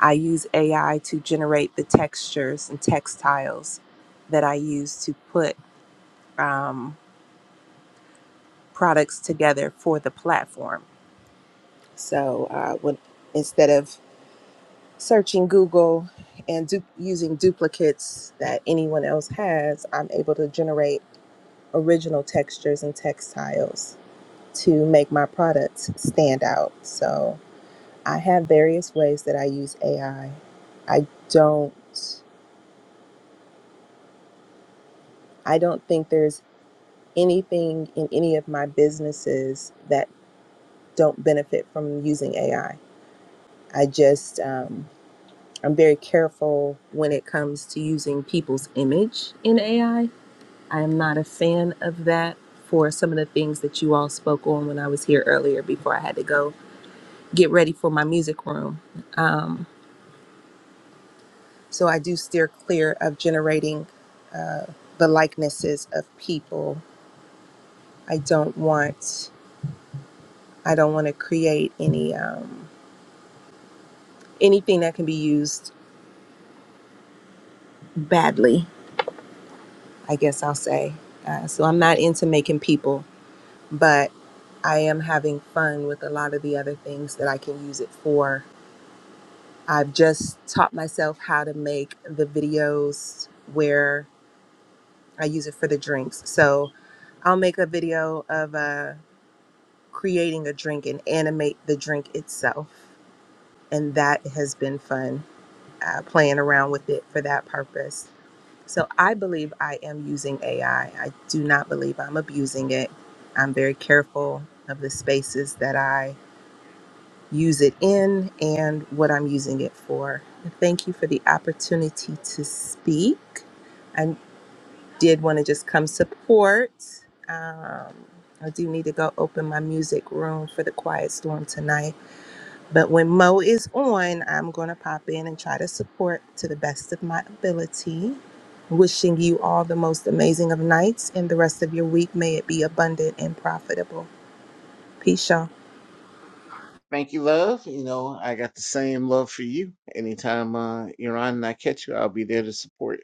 F: I use AI to generate the textures and textiles that I use to put um, products together for the platform. So uh, when, instead of searching Google and du- using duplicates that anyone else has, I'm able to generate original textures and textiles to make my products stand out. So I have various ways that I use AI. I I don't I don't think there's anything in any of my businesses that don't benefit from using AI. I I just um, I'm very careful when it comes to using people's image in AI. I I am not a fan of that for some of the things that you all spoke on when I was here earlier before I had to go get ready for my music room. Um, So I do steer clear of generating uh, the likenesses of people. I don't want I don't want to create any um, anything that can be used badly. I guess I'll say. Uh, so I'm not into making people, but I am having fun with a lot of the other things that I can use it for. I've just taught myself how to make the videos where I use it for the drinks. So I'll make a video of uh, creating a drink and animate the drink itself. And that has been fun uh, playing around with it for that purpose. So I believe I am using AI. I I do not believe I'm abusing it. I'm very careful of the spaces that I use it in and what I'm using it for. And Thank you for the opportunity to speak. I did want to just come support. Um, I do need to go open my music room for the Quiet Storm tonight But when Mo is on, I'm going to pop in and try to support to the best of my ability. Wishing you all the most amazing of nights and the rest of your week. May it be abundant and profitable. Peace, y'all.
A: Thank you, love. You know, I got the same love for you. Anytime uh, you're on and I catch you, I'll be there to support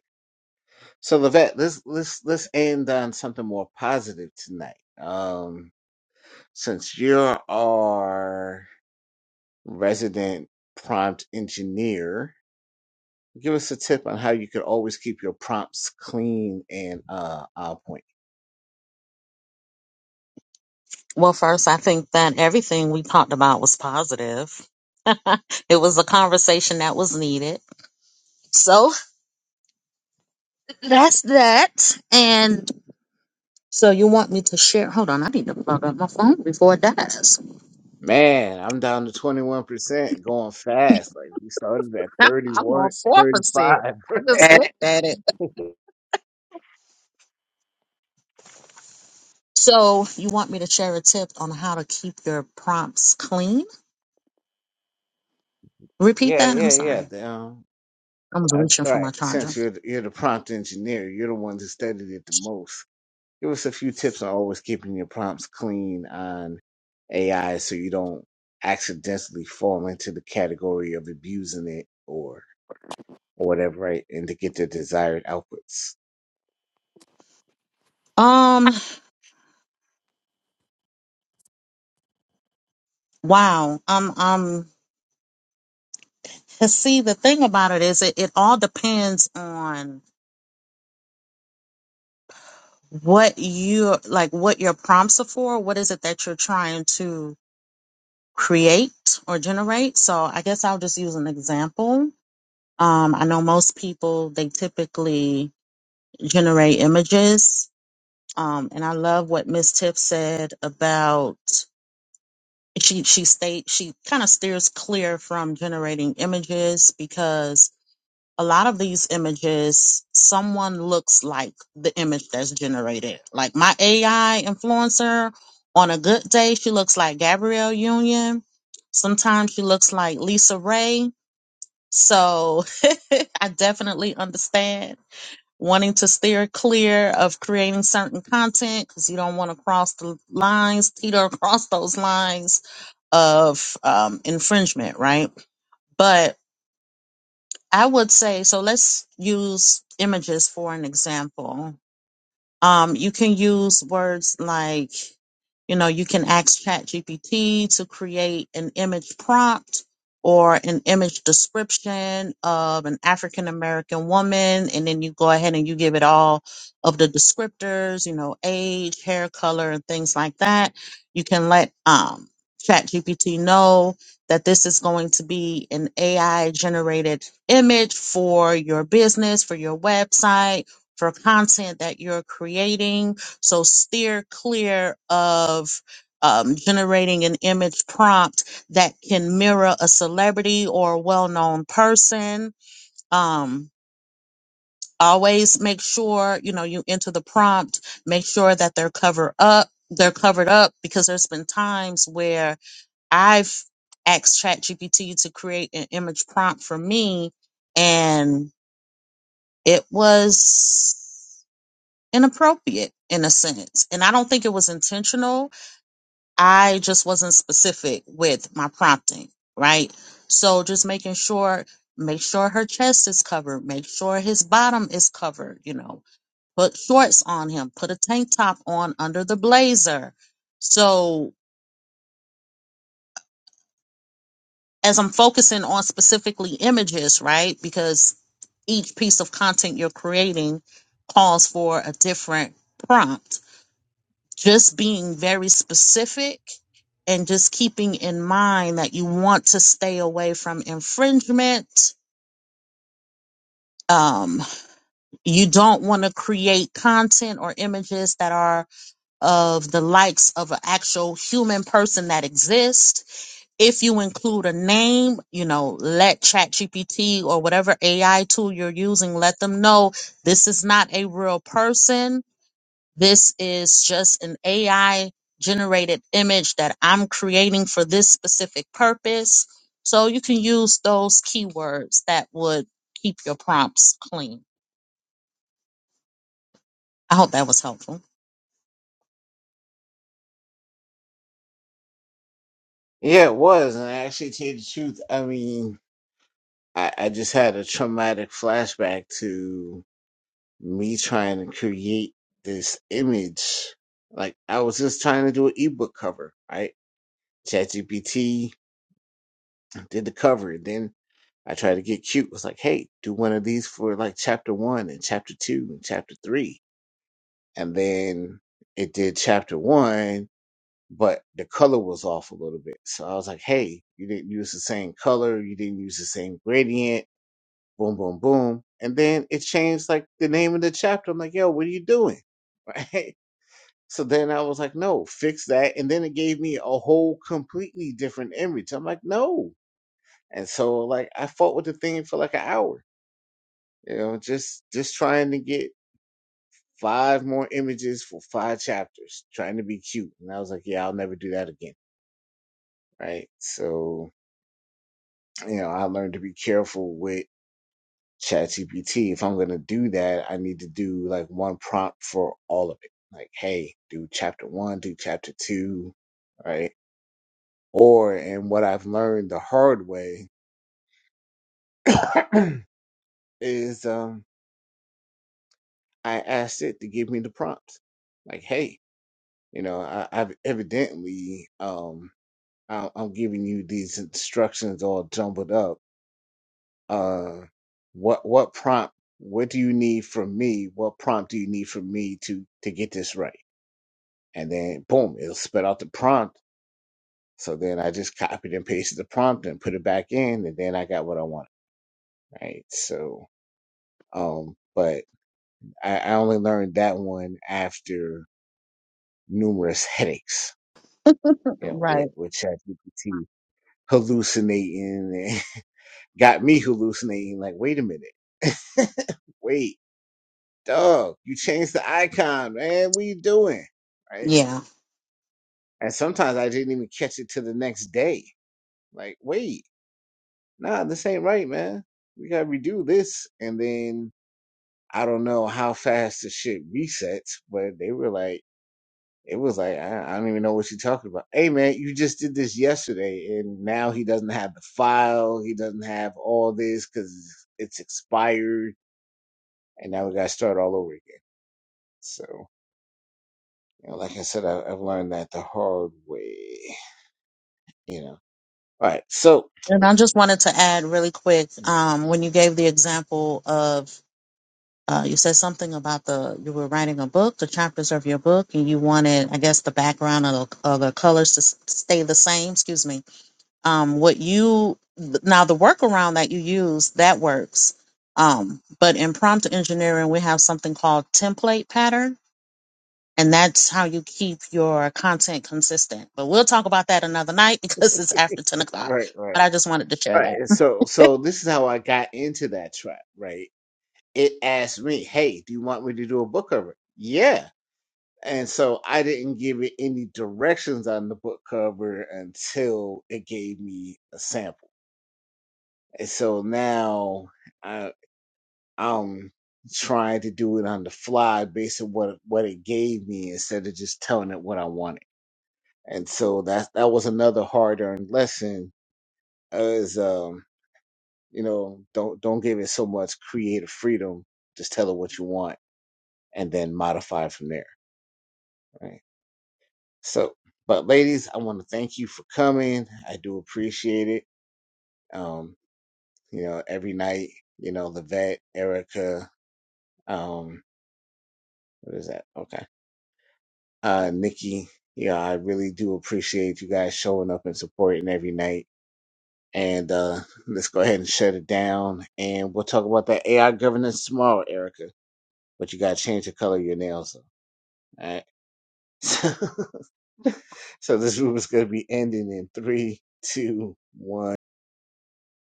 A: So, Levette, let's let's let's end on something more positive tonight. Um, since you're our resident prompt engineer, Give us a tip on how you could always keep your prompts clean and uh on point.
B: Well, first, I think that everything we talked about was positive. it was a conversation that was needed. So that's that. And so you want me to share? Hold on, I need to plug up my phone before it dies.
A: Man, I'm down to 21% going fast. Like we started at thirty
B: I'm on
A: one, thirty
B: 4%.
A: five.
B: I just
A: right?
B: looked at it. So you want me to share a tip on how to keep your prompts clean? Repeat
A: Yeah,
B: that. I'm
A: yeah, yeah.
B: sorry.
A: Damn.
B: I was
A: All
B: reaching for
A: right.
B: my charger.
A: Since you're the, you're the prompt engineer, you're the one that studied it the most. Give us a few tips on always keeping your prompts clean on AI so you don't accidentally fall into the category of abusing it or or whatever, right? And to get the desired outputs.
B: Um, wow. Um. um. Cause see, the thing about it is, it, it all depends on what you like, what your prompts are for. What is it that you're trying to create or generate? So I guess I'll just use an example. Um, I know most people they typically generate images, um, and I love what Miss Tiff said about she she state she kind of steers clear from generating images because a lot of these images, someone looks like the image that's generated. Like my AI influencer, on a good day, she looks like Gabrielle Union. Sometimes she looks like Lisa Ray. So I definitely understand wanting to steer clear of creating certain content because you don't want to cross the lines, teeter across those lines of um, infringement, right? But I would say, so let's use images for an example. Um, you can use words like, you know, you can ask ChatGPT to create an image prompt or an image description of an African American woman. And then you go ahead and you give it all of the descriptors, you know, age, hair color, and things like that. You can let um, ChatGPT know that this is going to be an AI generated image for your business, for your website for content that you're creating. So steer clear of um, generating an image prompt that can mirror a celebrity or a well-known person. Um, always make sure you know you enter the prompt. Make sure that they're covered up. They're covered up because there's been times where I've asked ChatGPT to create an image prompt for me, and it was. inappropriate in a sense. And I don't think it was intentional. I just wasn't specific with my prompting, right? So just making sure, make sure her chest is covered, make sure his bottom is covered, you know, put shorts on him, put a tank top on under the blazer. So as I'm focusing on specifically images, right? Because each piece of content you're creating calls for a different prompt just being very specific and just keeping in mind that you want to stay away from infringement. Um, you don't want to create content or images that are of the likes of an actual human person that exists. If you include a name, you know, let ChatGPT or whatever AI tool you're using, let them know this is not a real person This is just an AI generated image that I'm creating for this specific purpose. So you can use those keywords that would keep your prompts clean. I hope that was helpful.
A: Yeah, it was. And I actually, tell you the truth, I mean, I, I just had a traumatic flashback to me trying to create this image. Like, I was just trying to do an ebook cover, right? ChatGPT did the cover. Then I tried to get cute. was like, hey, do one of these for like chapter one and chapter two and chapter three. And then it did chapter one but the color was off a little bit. So I was like, hey, you didn't use the same color, you didn't use the same gradient, boom, boom, boom. And then it changed like the name of the chapter. I'm like, yo, what are you doing? Right. So then I was like, no, fix that. And then it gave me a whole completely different image. I'm like, no. And so like I fought with the thing for like an hour, you know, just just trying to get five more images for five chapters, trying to be cute. And I was like, yeah, I'll never do that again. Right. So you know, I learned to be careful with ChatGPT. If I'm gonna do that, I need to do like one prompt for all of it. Like, hey, do chapter one, do chapter two, right? Or and what I've learned the hard way is um I asked it to give me the prompts. Like, hey, you know, I, I've evidently um I, I'm giving you these instructions all jumbled up uh what what prompt what do you need from me what prompt do you need from me to to get this right and then boom it'll spit out the prompt so then i just copied and pasted the prompt and put it back in and then i got what i wanted right so um but i, I only learned that one after numerous headaches you know with
B: Right.
A: with ChatGPT hallucinating and got me hallucinating like wait a minute wait dog, you changed the icon, man. What you doing? Right.
B: Yeah.
A: And sometimes I didn't even catch it till the next day. Like, wait, nah, this ain't right, man. We gotta redo this. And then I don't know how fast the shit resets, but they were like, it was like, I, I don't even know what you're talking about. Hey, man, you just did this yesterday, and now he doesn't have the file. He doesn't have all this because it's expired. And now we gotta start all over again. So. You know, like I said, I, I've learned that the hard way. You know. All right. So
B: And I just wanted to add really quick
A: right,
B: um, when you gave the example of, uh, you said something about the, you were writing a book, the chapters of your book, and you wanted, I guess, the background of the, of the colors to s- stay the same. Excuse me um what you now the workaround that you use that works um but in prompt engineering we have something called template pattern and that's how you keep your content consistent but we'll talk about that another night because it's after 10 o'clock
A: right,
B: but
A: Right.
B: i just wanted to share that
A: and So, so this is how I got into that trap. Right. It asked me, "Hey, do you want me to do a book cover?" Yeah. And so I didn't give it any directions on the book cover until it gave me a sample. And so now I, I'm trying to do it on the fly based on what what it gave me instead of just telling it what I wanted. And so that that was another hard earned lesson is um, you know, don't don't give it so much creative freedom. Just tell it what you want and then modify from there. Right. So, but ladies, I want to thank you for coming. I do appreciate it. Um, you know, every night, you know, Levette, Erica, um, what is that? Okay. Uh, Nikki, yeah, I really do appreciate you guys showing up and supporting every night. And, uh, let's go ahead and shut it down. And we'll talk about that AI governance tomorrow, Erica, but you got to change the color of your nails. Though. All right. So, so this room is going to be ending in three, two, one.